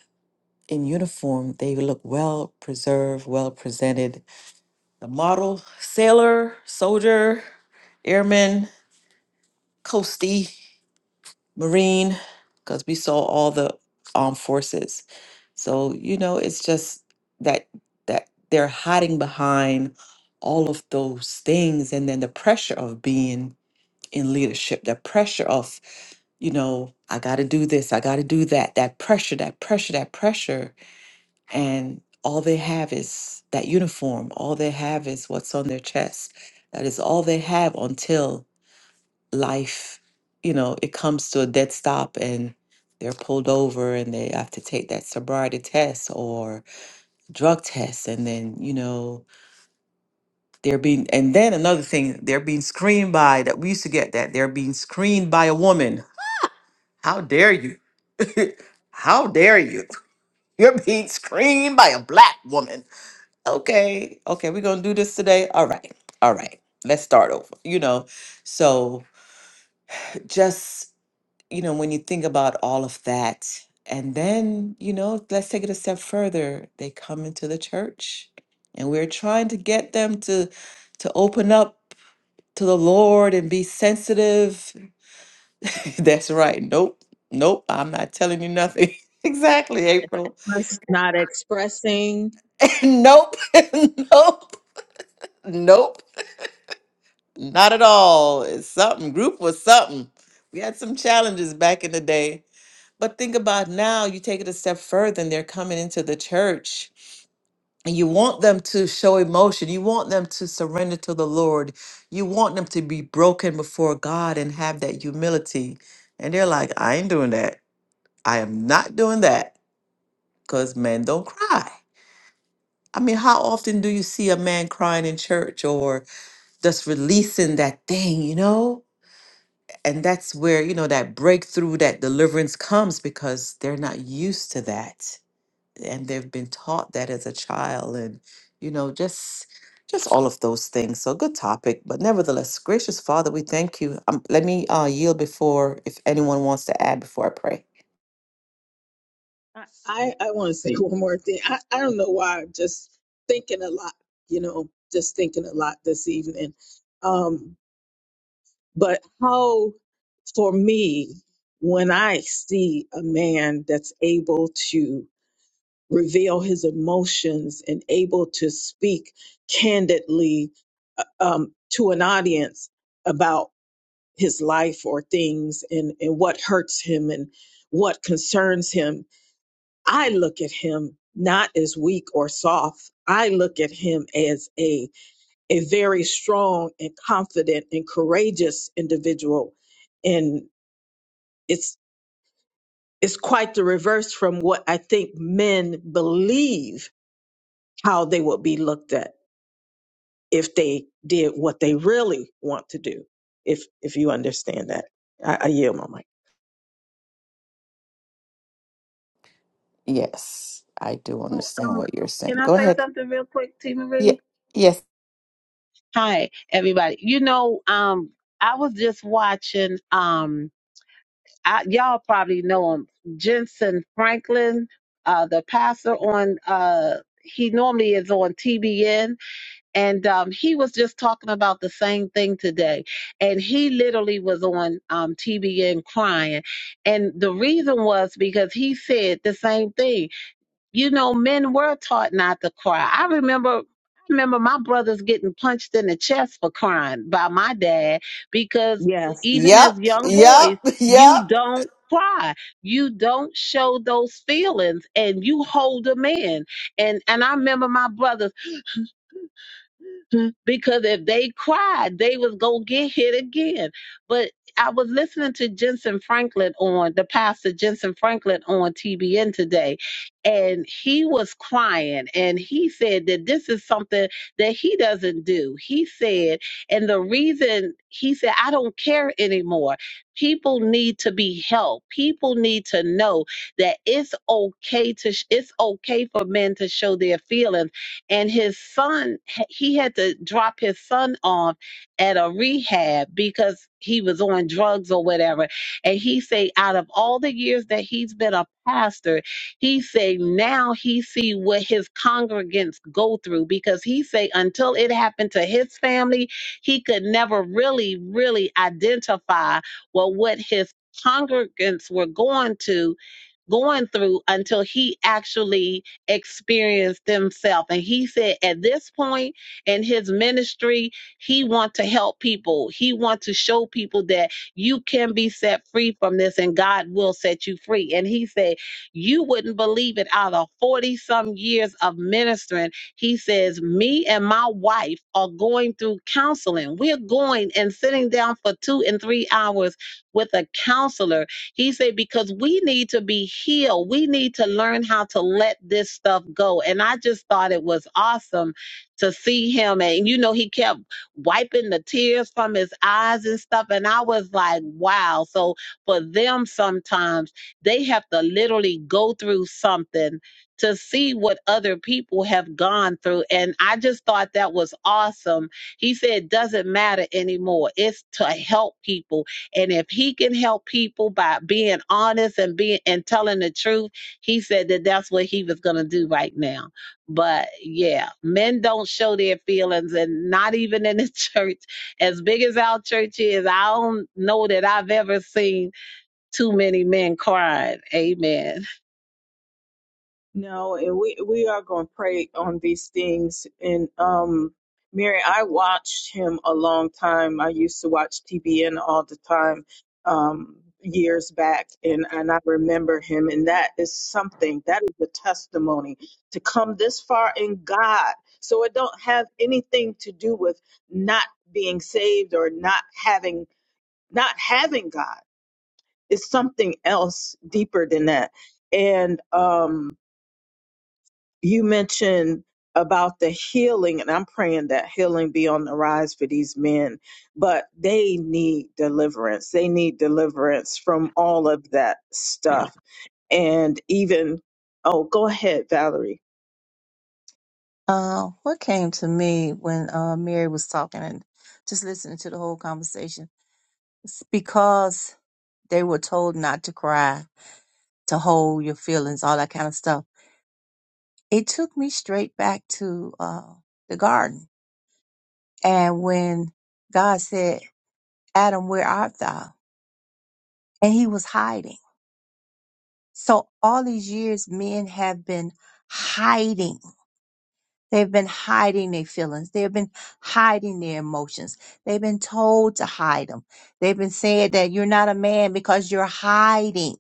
B: in uniform, they look well preserved, well presented. The model sailor, soldier, airman, coastie. Marine, because we saw all the armed forces. So, you know, it's just that that they're hiding behind all of those things and then the pressure of being in leadership, the pressure of, you know, I got to do this, I got to do that, that pressure, that pressure, that pressure and all they have is that uniform, all they have is what's on their chest. That is all they have until life, you know, it comes to a dead stop and they're pulled over and they have to take that sobriety test or drug test. And then, you know, they're being, and then another thing, they're being screened by that. We used to get that. They're being screened by a woman. How dare you? How dare you? You're being screened by a black woman. Okay. Okay. We're going to do this today. All right. All right. Let's start over, you know. So just. you know, when you think about all of that, and then, you know, let's take it a step further. They come into the church and we're trying to get them to to open up to the Lord and be sensitive. That's right. Nope. Nope. I'm not telling you nothing. exactly, April. nope. nope. Nope. Not at all. It's something. Group was something. We had some challenges back in the day But think about now, you take it a step further and they're coming into the church. And you want them to show emotion. You want them to surrender to the Lord. You want them to be broken before God and have that humility. And they're like, I ain't doing that. I am not doing that because men don't cry. I mean, how often do you see a man crying in church or just releasing that thing, you know? And that's where, you know, that breakthrough, that deliverance comes because they're not used to that and they've been taught that as a child and you know just just all of those things so good topic but nevertheless gracious father we thank you um, let me uh, yield before if anyone wants to add before i pray
A: I, I, I want to say one more thing. I, I don't know why I'm just thinking a lot, you know, just thinking a lot this evening. But how, for me, when I see a man that's able to reveal his emotions and able to speak candidly uh, um, to an audience about his life or things and, and what hurts him and what concerns him, I look at him not as weak or soft. I look at him as a a very strong and confident and courageous individual and it's it's quite the reverse from what i think men believe how they would be looked at if they did what they really want to do if if you understand that i, I yield my mic
B: yes i do
C: Oh,
B: understand
C: um,
B: what you're
C: can
B: saying
C: I
B: go
C: say
B: ahead
C: something real quick, T
B: yeah
C: Marie?
B: yes
C: Hi, everybody. You know, um, I was just watching. Um, I, y'all probably know him, Jensen Franklin, uh, the pastor on. Uh, he normally is on TBN, and um, he was just talking about the same thing today. And he literally was on um, TBN crying, and the reason was because he said the same thing you know, men were taught not to cry. I remember I remember my brothers getting punched in the chest for crying by my dad because
A: yes
C: even
B: yep
C: as young
B: yep
C: boys, you
B: yep
C: don't cry. You don't show those feelings and you hold them in. And and I remember my brothers Mhm. because if they cried, they was gonna get hit again. But I was listening to Jensen Franklin on the pastor Jensen Franklin on TBN today, and he was crying, and he said that this is something that he doesn't do. He said, and the reason he said, I don't care anymore. People need to be helped. People need to know that it's okay to sh- it's okay for men to show their feelings and his son he had to drop his son off at a rehab because he was on drugs or whatever and he say out of all the years that he's been a pastor he say now he see what his congregants go through because he say until it happened to his family he could never really really identify well what his congregants were going to going through until he actually experience themselves. And he said at this point in his ministry, he wants to help people. He wants to show people that you can be set free from this and God will set you free. And he said, you wouldn't believe it out of 40 some years of ministering. He says, me and my wife are going through counseling. We're going and sitting down for two and three hours with a counselor he said, because we need to be healed. We need to learn how to let this stuff go. And I just thought it was awesome to see him. And, you know, he kept wiping the tears from his eyes and stuff. And I was like, wow. So for them, sometimes they have to literally go through something to see what other people have gone through. And I just thought that was awesome. He said, it doesn't matter anymore. It's to help people and if he can help people by being honest and being and telling the truth, he said that that's what he was going to do right now. But yeah, men don't show their feelings and not even in the church. As big as our church is, I don't know that I've ever seen too many men crying. Amen.
A: No, and we we are going to pray on these things. And um, Mary, I watched him a long time. I used to watch TBN all the time, um, years back, and and I remember him. And that is something. That is a testimony to come this far in God. So it don't have anything to do with not being saved or not having not having God. It's something else deeper than that. And um you mentioned about the healing, and I'm praying that healing be on the rise for these men, but they need deliverance. They need deliverance from all of that stuff. And even, oh, go ahead, Valerie.
D: Uh, what came to me when uh, Mary was talking and just listening to the whole conversation it's because they were told not to cry, to hold your feelings, all that kind of stuff. It took me straight back to uh, the garden. And when God said, Adam, where art thou? And he was hiding. So all these years, men have been hiding They've been hiding their feelings. They've been hiding their emotions. They've been told to hide them. They've been said that you're not a man because you're hiding.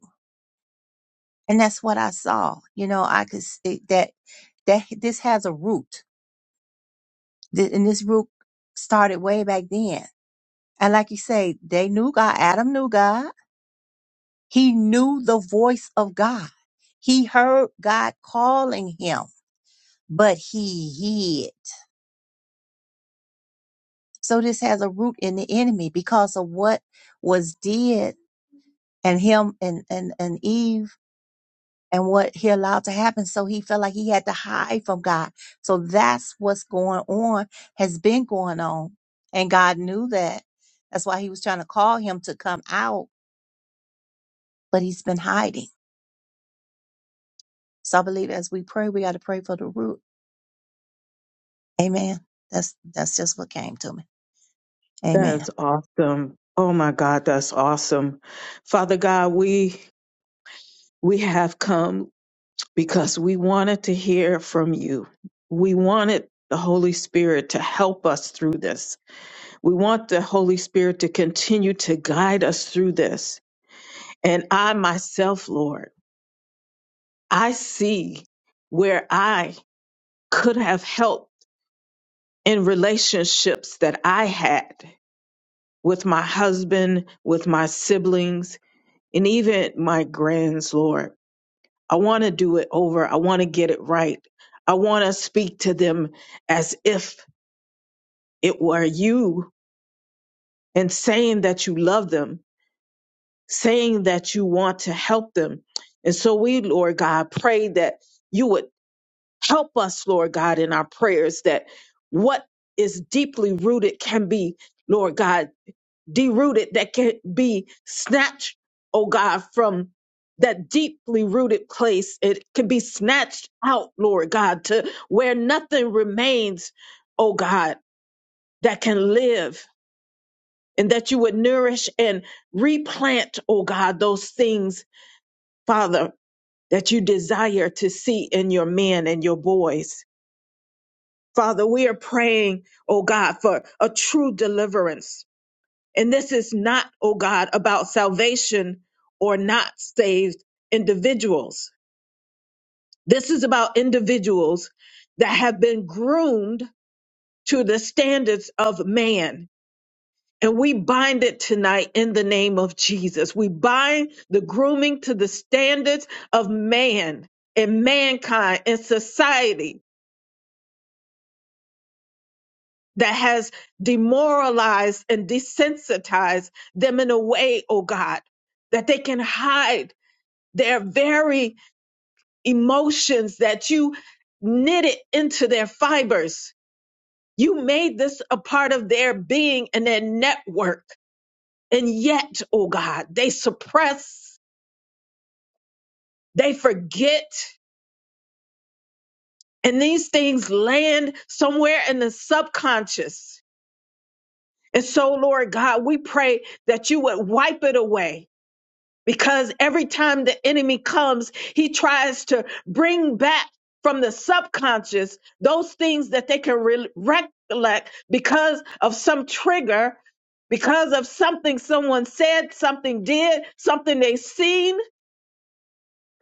D: And that's what I saw. You know, I could see that, that this has a root. Th- And this root started way back then. And like you say, they knew God. Adam knew God. He knew the voice of God. He heard God calling him, but he hid So this has a root in the enemy because of what was did and him and, and, and Eve and what he allowed to happen. So he felt like he had to hide from God. So that's what's going on, has been going on. And God knew that. That's why he was trying to call him to come out, but he's been hiding. So I believe as we pray, we got to pray for the root. Amen. That's that's just what came to me.
A: That
D: Amen.
A: is awesome. Oh my God, that's awesome. Father God, we we have come because we wanted to hear from you. We wanted the Holy Spirit to help us through this We want the Holy Spirit to continue to guide us through this. And I myself, Lord, I see where I could have helped in relationships that I had with my husband, with my siblings, and even my grands, Lord. I want to do it over. I want to get it right. I want to speak to them as if it were you and saying that you love them saying that you want to help them. And so we, Lord God, pray that you would help us, Lord God, in our prayers that what is deeply rooted can be, Lord God, derooted, that can be snatched, oh God, from that deeply rooted place. It can be snatched out, Lord God, to where nothing remains, oh God, that can live. And that you would nourish and replant, oh God, those things Father, that you desire to see in your men and your boys. Father, we are praying, oh God, for a true deliverance. And this is not, oh God, about salvation or not saved individuals. This is about individuals that have been groomed to the standards of man And we bind it tonight in the name of Jesus. We bind the grooming to the standards of man and mankind and society that has demoralized and desensitized them in a way, oh God, that they can hide their very emotions that you knitted into their fibers. You made this a part of their being and their network. And yet, oh God, they suppress They forget, and these things land somewhere in the subconscious. And so, Lord God, we pray that you would wipe it away because every time the enemy comes, he tries to bring back from the subconscious those things that they can re- recollect because of some trigger, because of something someone said, something did, something they seen.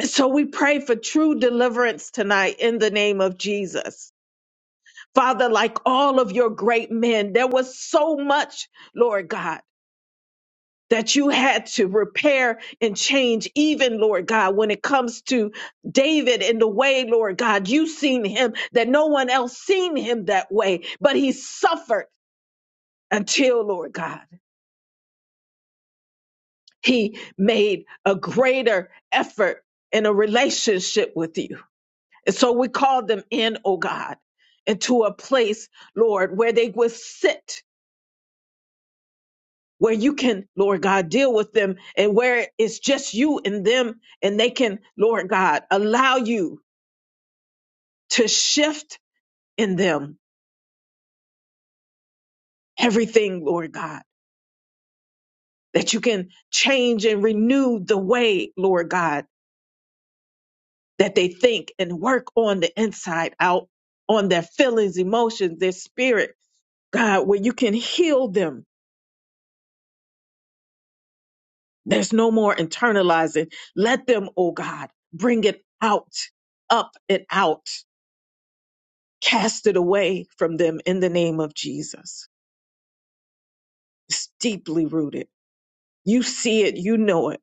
A: So we pray for true deliverance tonight in the name of Jesus. Father, like all of your great men, there was so much, Lord God, that you had to repair and change, even, Lord God, when it comes to David and the way, Lord God, you seen him that no one else seen him that way, but he suffered until, Lord God, he made a greater effort in a relationship with you. And so we called them in, oh God, into a place, Lord, where they would sit where you can, Lord God, deal with them and where it's just you and them and they can, Lord God, allow you to shift in them everything, Lord God, that you can change and renew the way, Lord God, that they think and work on the inside out, on their feelings, emotions, their spirit, God, where you can heal them. There's no more internalizing. Let them, oh God, bring it out, up and out Cast it away from them in the name of Jesus. It's deeply rooted. You see it, you know it,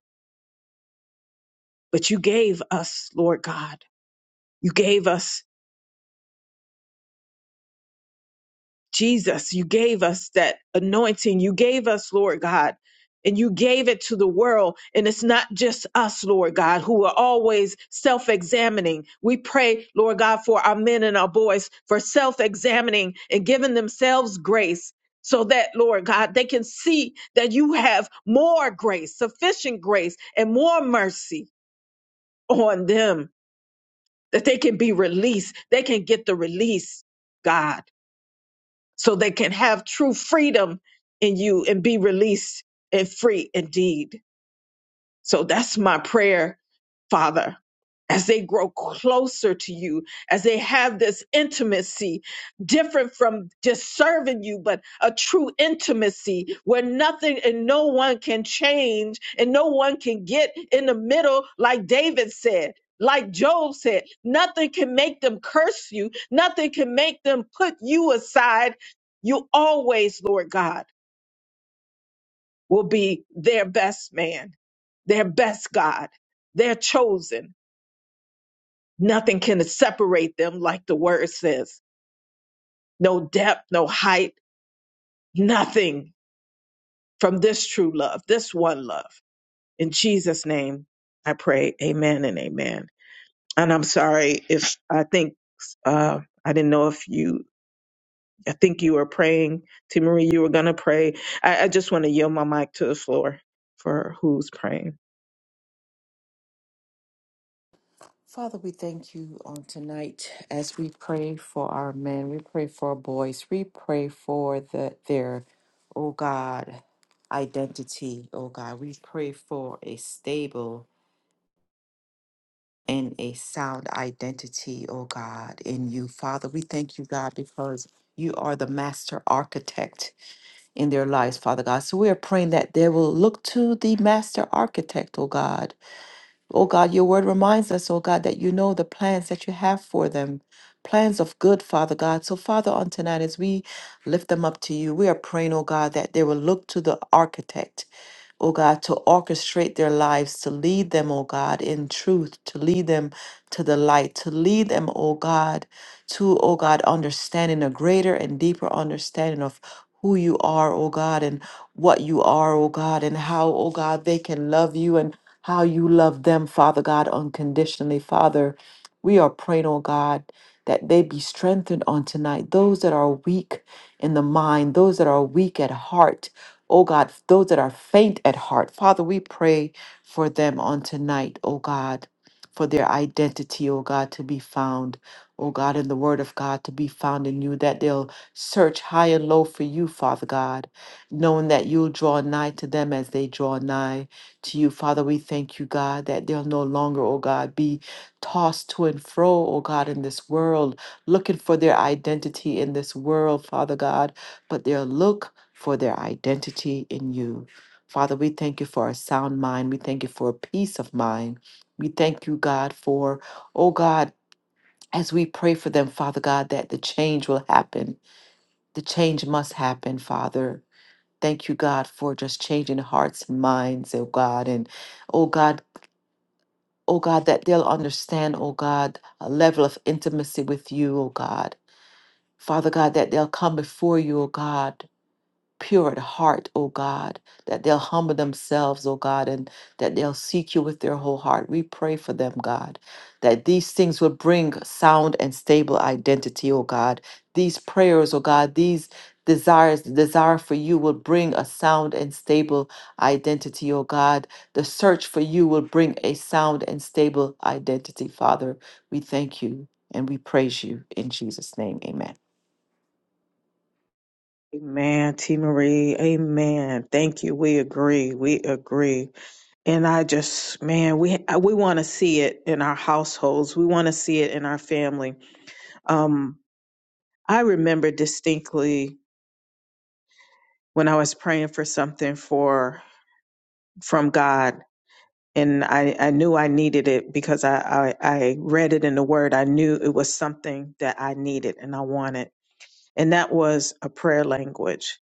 A: but you gave us, Lord God, you gave us Jesus, you gave us that anointing. You gave us, Lord God, and you gave it to the world. And it's not just us, Lord God, who are always self examining. We pray, Lord God, for our men and our boys for self examining and giving themselves grace. So that, Lord God, they can see that you have more grace, sufficient grace, and more mercy on them, that they can be released. They can get the release, God so they can have true freedom in you and be released and free indeed. So that's my prayer, Father, as they grow closer to you, as they have this intimacy, different from just serving you, but a true intimacy where nothing and no one can change and no one can get in the middle, like David said. Like Job said, nothing can make them curse you. Nothing can make them put you aside. You always, Lord God will be their best man, their best God, their chosen. Nothing can separate them, like the word says. No depth, no height, nothing from this true love, this one love. In Jesus' name, I pray. Amen and amen. And I'm sorry if I think uh, I didn't know if you. I think you were praying, T. Marie. You were gonna pray. I, I just want to yield my mic to the floor for who's praying.
B: Father, we thank you on tonight as we pray for our men, we pray for our boys, we pray for the, their, oh God, identity, oh God. We pray for a stable and a sound identity, oh God, in you. Father, we thank you, God, because you are the master architect in their lives, Father God. So we are praying that they will look to the master architect, oh God Oh God, your word reminds us, oh God, that you know the plans that you have for them, plans of good, Father God. So, Father, on tonight, as we lift them up to you, we are praying, oh God, that they will look to the architect, oh God, to orchestrate their lives, to lead them, oh God, in truth, to lead them to the light, to lead them, oh God to, oh God, understanding a greater and deeper understanding of who you are, oh God, and what you are, oh God, and how, oh God, they can love you and how you love them, Father God, unconditionally. Father, we are praying, oh God, that they be strengthened on tonight. Those that are weak in the mind, those that are weak at heart, oh God, those that are faint at heart. Father, we pray for them on tonight, oh God, for their identity, oh God, to be found oh God, in the word of God to be found in you, that they'll search high and low for you, Father God, knowing that you'll draw nigh to them as they draw nigh to you. Father, we thank you, God, that they'll no longer, oh God, be tossed to and fro, oh God, in this world, looking for their identity in this world, Father God, but they'll look for their identity in you. Father, we thank you for a sound mind. We thank you for a peace of mind. We thank you, God, for, oh God, as we pray for them, Father God, that the change will happen. The change must happen, Father. Thank you, God, for just changing hearts and minds, oh God. And oh God, oh God, that they'll understand, oh God, a level of intimacy with you, oh God. Father God, that they'll come before you, oh God, pure at heart, O God, that they'll humble themselves, O God, and that they'll seek you with their whole heart. We pray for them, God, that these things will bring sound and stable identity, O God. These prayers, O God, these desires, the desire for you will bring a sound and stable identity, O God. The search for you will bring a sound and stable identity, Father. We thank you and we praise you in Jesus' name. Amen.
A: Amen, T. Marie. Amen. Thank you. We agree. We agree. And I just, man, we I- we want to see it in our households. We want to see it in our family. Um, I remember distinctly when I was praying for something for from God, and I I knew I needed it because I I, I read it in the Word. I knew it was something that I needed and I wanted, and that was a prayer language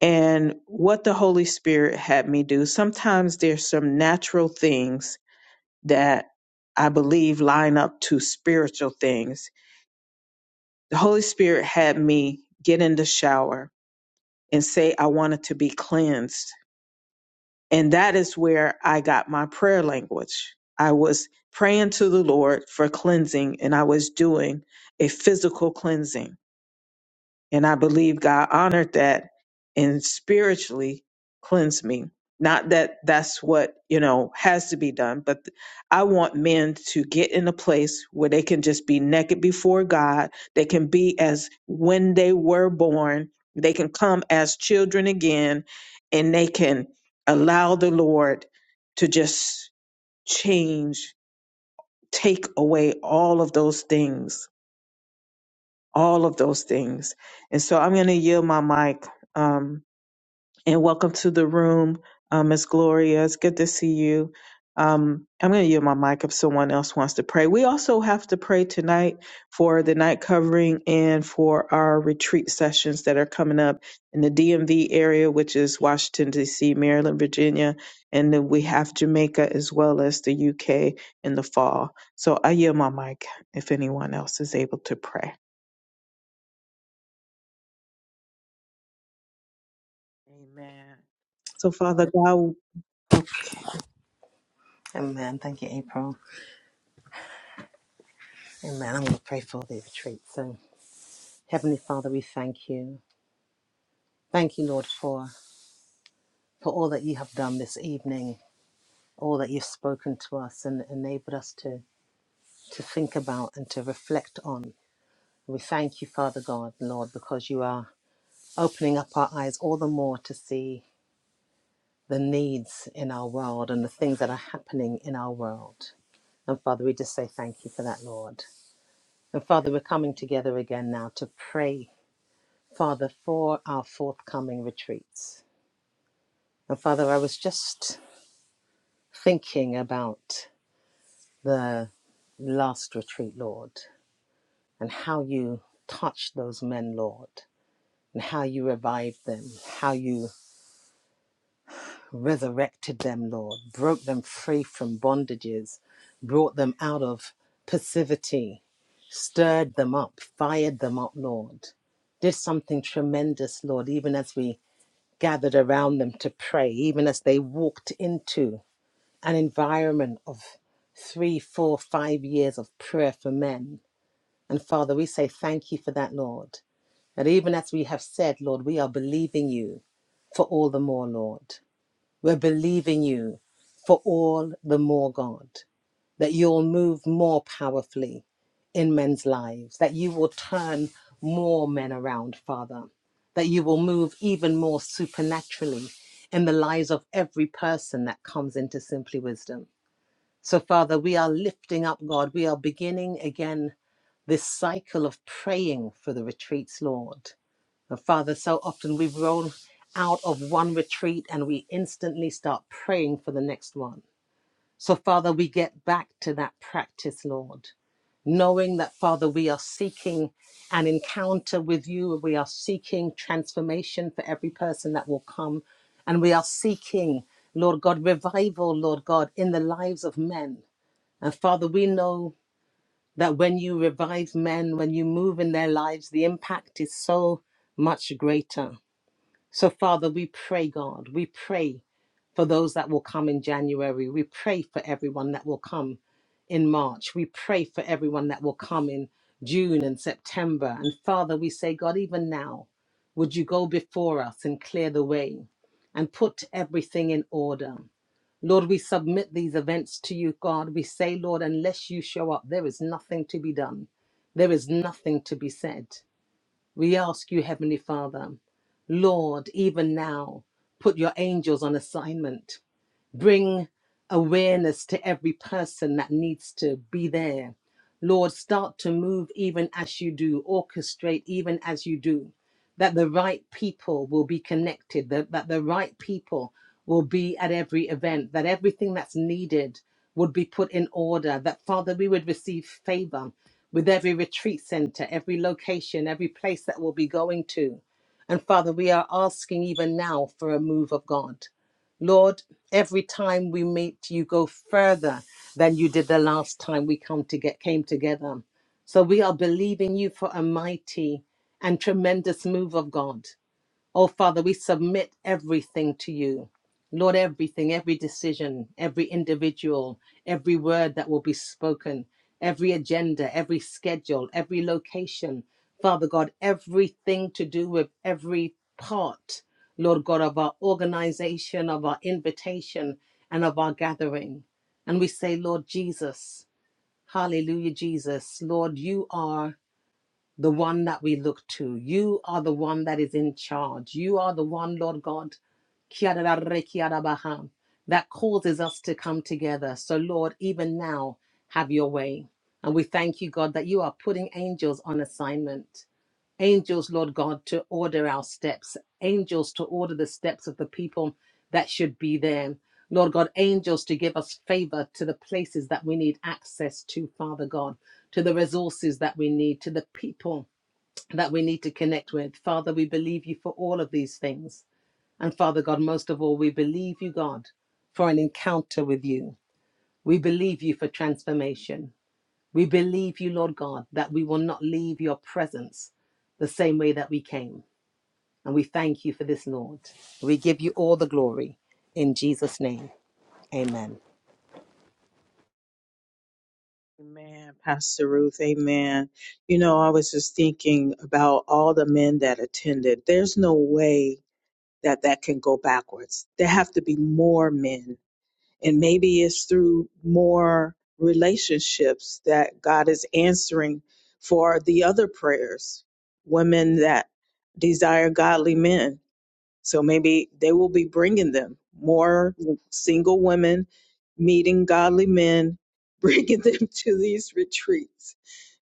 A: and what the Holy Spirit had me do. Sometimes there's some natural things that I believe line up to spiritual things. The Holy Spirit had me get in the shower and say, I wanted to be cleansed. And that is where I got my prayer language. I was praying to the Lord for cleansing, and I was doing a physical cleansing And I believe God honored that and spiritually cleansed me. Not that that's what, you know, has to be done, but I want men to get in a place where they can just be naked before God. They can be as when they were born. They can come as children again and they can allow the Lord to just change, take away all of those things all of those things. And so I'm going to yield my mic. Um, and welcome to the room, uh, Miss Gloria. It's good to see you. Um, I'm going to yield my mic if someone else wants to pray. We also have to pray tonight for the night covering and for our retreat sessions that are coming up in the DMV area, which is Washington, D.C., Maryland, Virginia. And then we have Jamaica as well as the UK in the fall. So I yield my mic if anyone else is able to pray. Amen. So, Father God, oh,
E: Amen. Thank you, April. Amen. I'm going to pray for the retreat. So, Heavenly Father, we thank you. Thank you, Lord, for for all that you have done this evening, all that you've spoken to us and enabled us to to think about and to reflect on. We thank you, Father God, Lord, because you are opening up our eyes all the more to see the needs in our world and the things that are happening in our world. And Father, we just say thank you for that, Lord. And Father, we're coming together again now to pray Father, for our forthcoming retreats. And Father, I was just thinking about the last retreat, Lord, and how you touched those men, Lord, and how you revived them, how you resurrected them, Lord, broke them free from bondages, brought them out of passivity, stirred them up, fired them up, Lord, did something tremendous, Lord, even as we gathered around them to pray, even as they walked into an environment of three, four, five years of prayer for men. And Father, we say thank you for that, Lord. And even as we have said, Lord, we are believing you for all the more, Lord. We're believing you for all the more, God, that you'll move more powerfully in men's lives, that you will turn more men around, Father, that you will move even more supernaturally in the lives of every person that comes into Simply Wisdom. So, Father, we are lifting up God. We are beginning again this cycle of praying for the retreats, Lord. And Father, so often we roll out of one retreat and we instantly start praying for the next one. So, Father, we get back to that practice, Lord, knowing that, Father, we are seeking an encounter with you. We are seeking transformation for every person that will come. And we are seeking, Lord God, revival, Lord God, in the lives of men. And Father, we know that when you revive men, when you move in their lives, the impact is so much greater. So, Father, we pray, God, we pray for those that will come in January. We pray for everyone that will come in March. We pray for everyone that will come in June and September. And Father, we say, God, even now, would you go before us and clear the way and put everything in order? Lord, we submit these events to you, God. We say, Lord, unless you show up, there is nothing to be done. There is nothing to be said. We ask you, Heavenly Father, Lord, even now, put your angels on assignment Bring awareness to every person that needs to be there. Lord, start to move even as you do, orchestrate even as you do, that the right people will be connected, that, that the right people will be at every event, that everything that's needed would be put in order, that Father, we would receive favor with every retreat center, every location, every place that we'll be going to. And Father, we are asking even now for a move of God. Lord, every time we meet, you go further than you did the last time we come to get came together. So we are believing you for a mighty and tremendous move of God. Oh, Father, we submit everything to you. Lord, everything, every decision, every individual, every word that will be spoken, every agenda, every schedule, every location. Father God, everything to do with every part, Lord God, of our organization, of our invitation, and of our gathering. And we say, Lord Jesus, hallelujah, Jesus, Lord, you are the one that we look to. You are the one that is in charge. You are the one, Lord God, Kiarararekiarabaha, that causes us to come together. So, Lord, even now, have your way. And we thank you, God, that you are putting angels on assignment. Angels, Lord God, to order our steps, angels to order the steps of the people that should be there. Lord God, angels to give us favor to the places that we need access to, Father God, to the resources that we need, to the people that we need to connect with. Father, we believe you for all of these things. And Father God, most of all, we believe you, God, for an encounter with you. We believe you for transformation. We believe you, Lord God, that we will not leave your presence the same way that we came. And we thank you for this, Lord. We give you all the glory. In Jesus' name, amen.
A: amen, Pastor Ruth, amen. You know, I was just thinking about all the men that attended. There's no way that that can go backwards. There have to be more men. And maybe it's through more relationships that God is answering for the other prayers, women that desire godly men So maybe they will be bringing them more single women meeting godly men, bringing them to these retreats.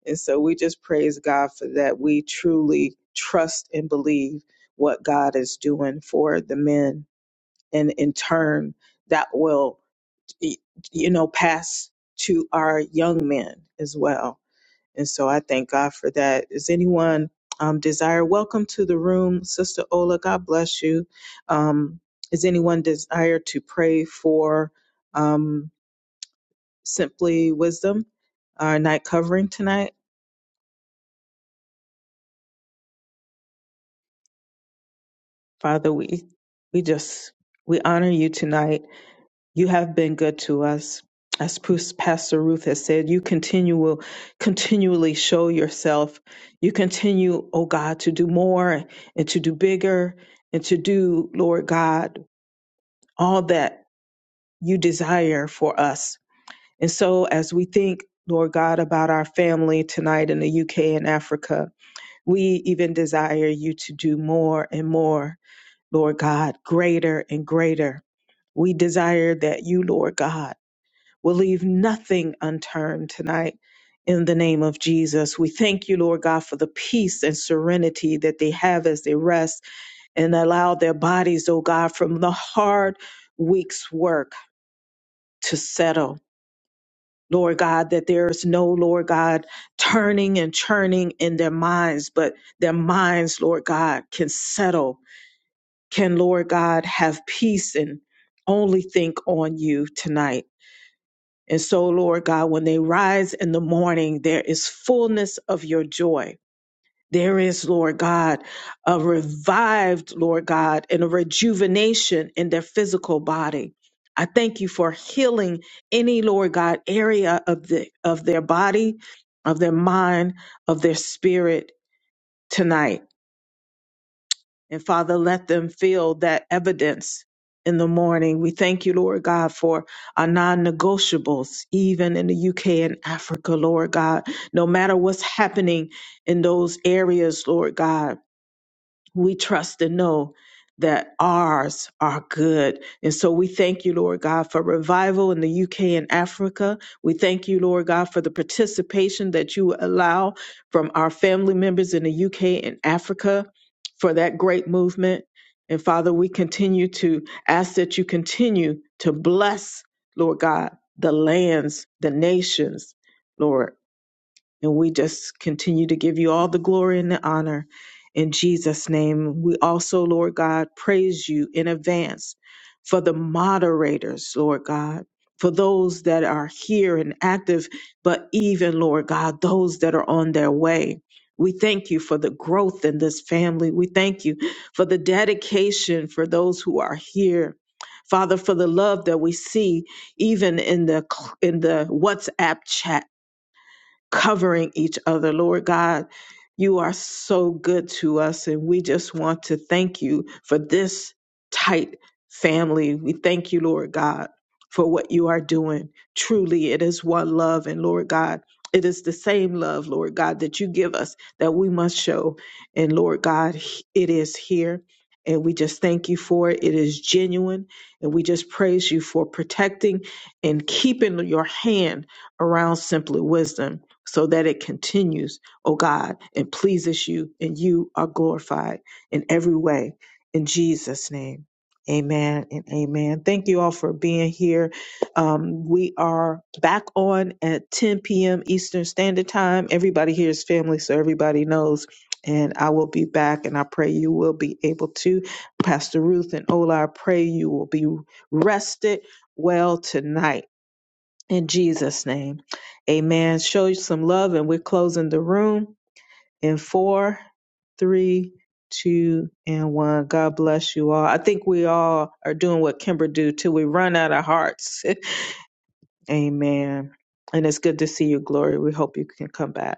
A: And so we just praise God for that. We truly trust and believe what God is doing for the men. And in turn, that will, y- you know, pass to our young men as well and so I thank God for that. Is anyone um, desire? Welcome to the room, Sister Ola. God bless you. Um, is anyone desire to pray for um, simply wisdom, our night covering tonight? Father, we we just we honor you tonight You have been good to us. As Pus- Pastor Ruth has said, you continual, continually show yourself. You continue, oh God, to do more and to do bigger and to do, Lord God, all that you desire for us. And so as we think, Lord God, about our family tonight in the UK and Africa, we even desire you to do more and more, Lord God, greater and greater. We desire that you, Lord God, We'll leave nothing unturned tonight in the name of Jesus. We thank you, Lord God, for the peace and serenity that they have as they rest and allow their bodies, oh God, from the hard week's work to settle. Lord God, that there is no, Lord God, turning and churning in their minds, but their minds, Lord God, can settle, can, Lord God, have peace and only think on you tonight. And so, Lord God, when they rise in the morning, there is fullness of your joy. There is, Lord God, a revived, Lord God, and a rejuvenation in their physical body. I thank you for healing any, Lord God, area of the of their body, of their mind, of their spirit tonight. And Father, let them feel that evidence in the morning. We thank you, Lord God, for our non negotiables, even in the UK and Africa, Lord God. No matter what's happening in those areas, Lord God we trust and know that ours are good. And so we thank you, Lord God, for revival in the UK and Africa. We thank you, Lord God, for the participation that you allow from our family members in the UK and Africa for that great movement. And Father, we continue to ask that you continue to bless, Lord God, the lands, the nations, Lord. And we just continue to give you all the glory and the honor in Jesus' name. We also, Lord God, praise you in advance for the moderators, Lord God, for those that are here and active, but even, Lord God, those that are on their way. We thank you for the growth in this family. We thank you for the dedication for those who are here. Father, for the love that we see even in the in the WhatsApp chat covering each other. Lord God, you are so good to us, and we just want to thank you for this tight family. We thank you, Lord God, for what you are doing. Truly, it is one love, and Lord God, it is the same love, Lord God, that you give us that we must show. And Lord God, it is here. And we just thank you for it. It is genuine. And we just praise you for protecting and keeping your hand around simply wisdom so that it continues, O God, and pleases you, and you are glorified in every way. In Jesus' name, amen and amen. Thank you all for being here. Um, we are back on at 10 p.m. Eastern Standard Time. Everybody here is family, so everybody knows. And I will be back, and I pray you will be able to. Pastor Ruth and Ola, I pray you will be rested well tonight. In Jesus' name. Amen. Show you some love, and we're closing the room in four, three, two, and one. God bless you all. I think we all are doing what Kimber do till we run out of hearts. Amen. And it's good to see you, Glory. We hope you can come back.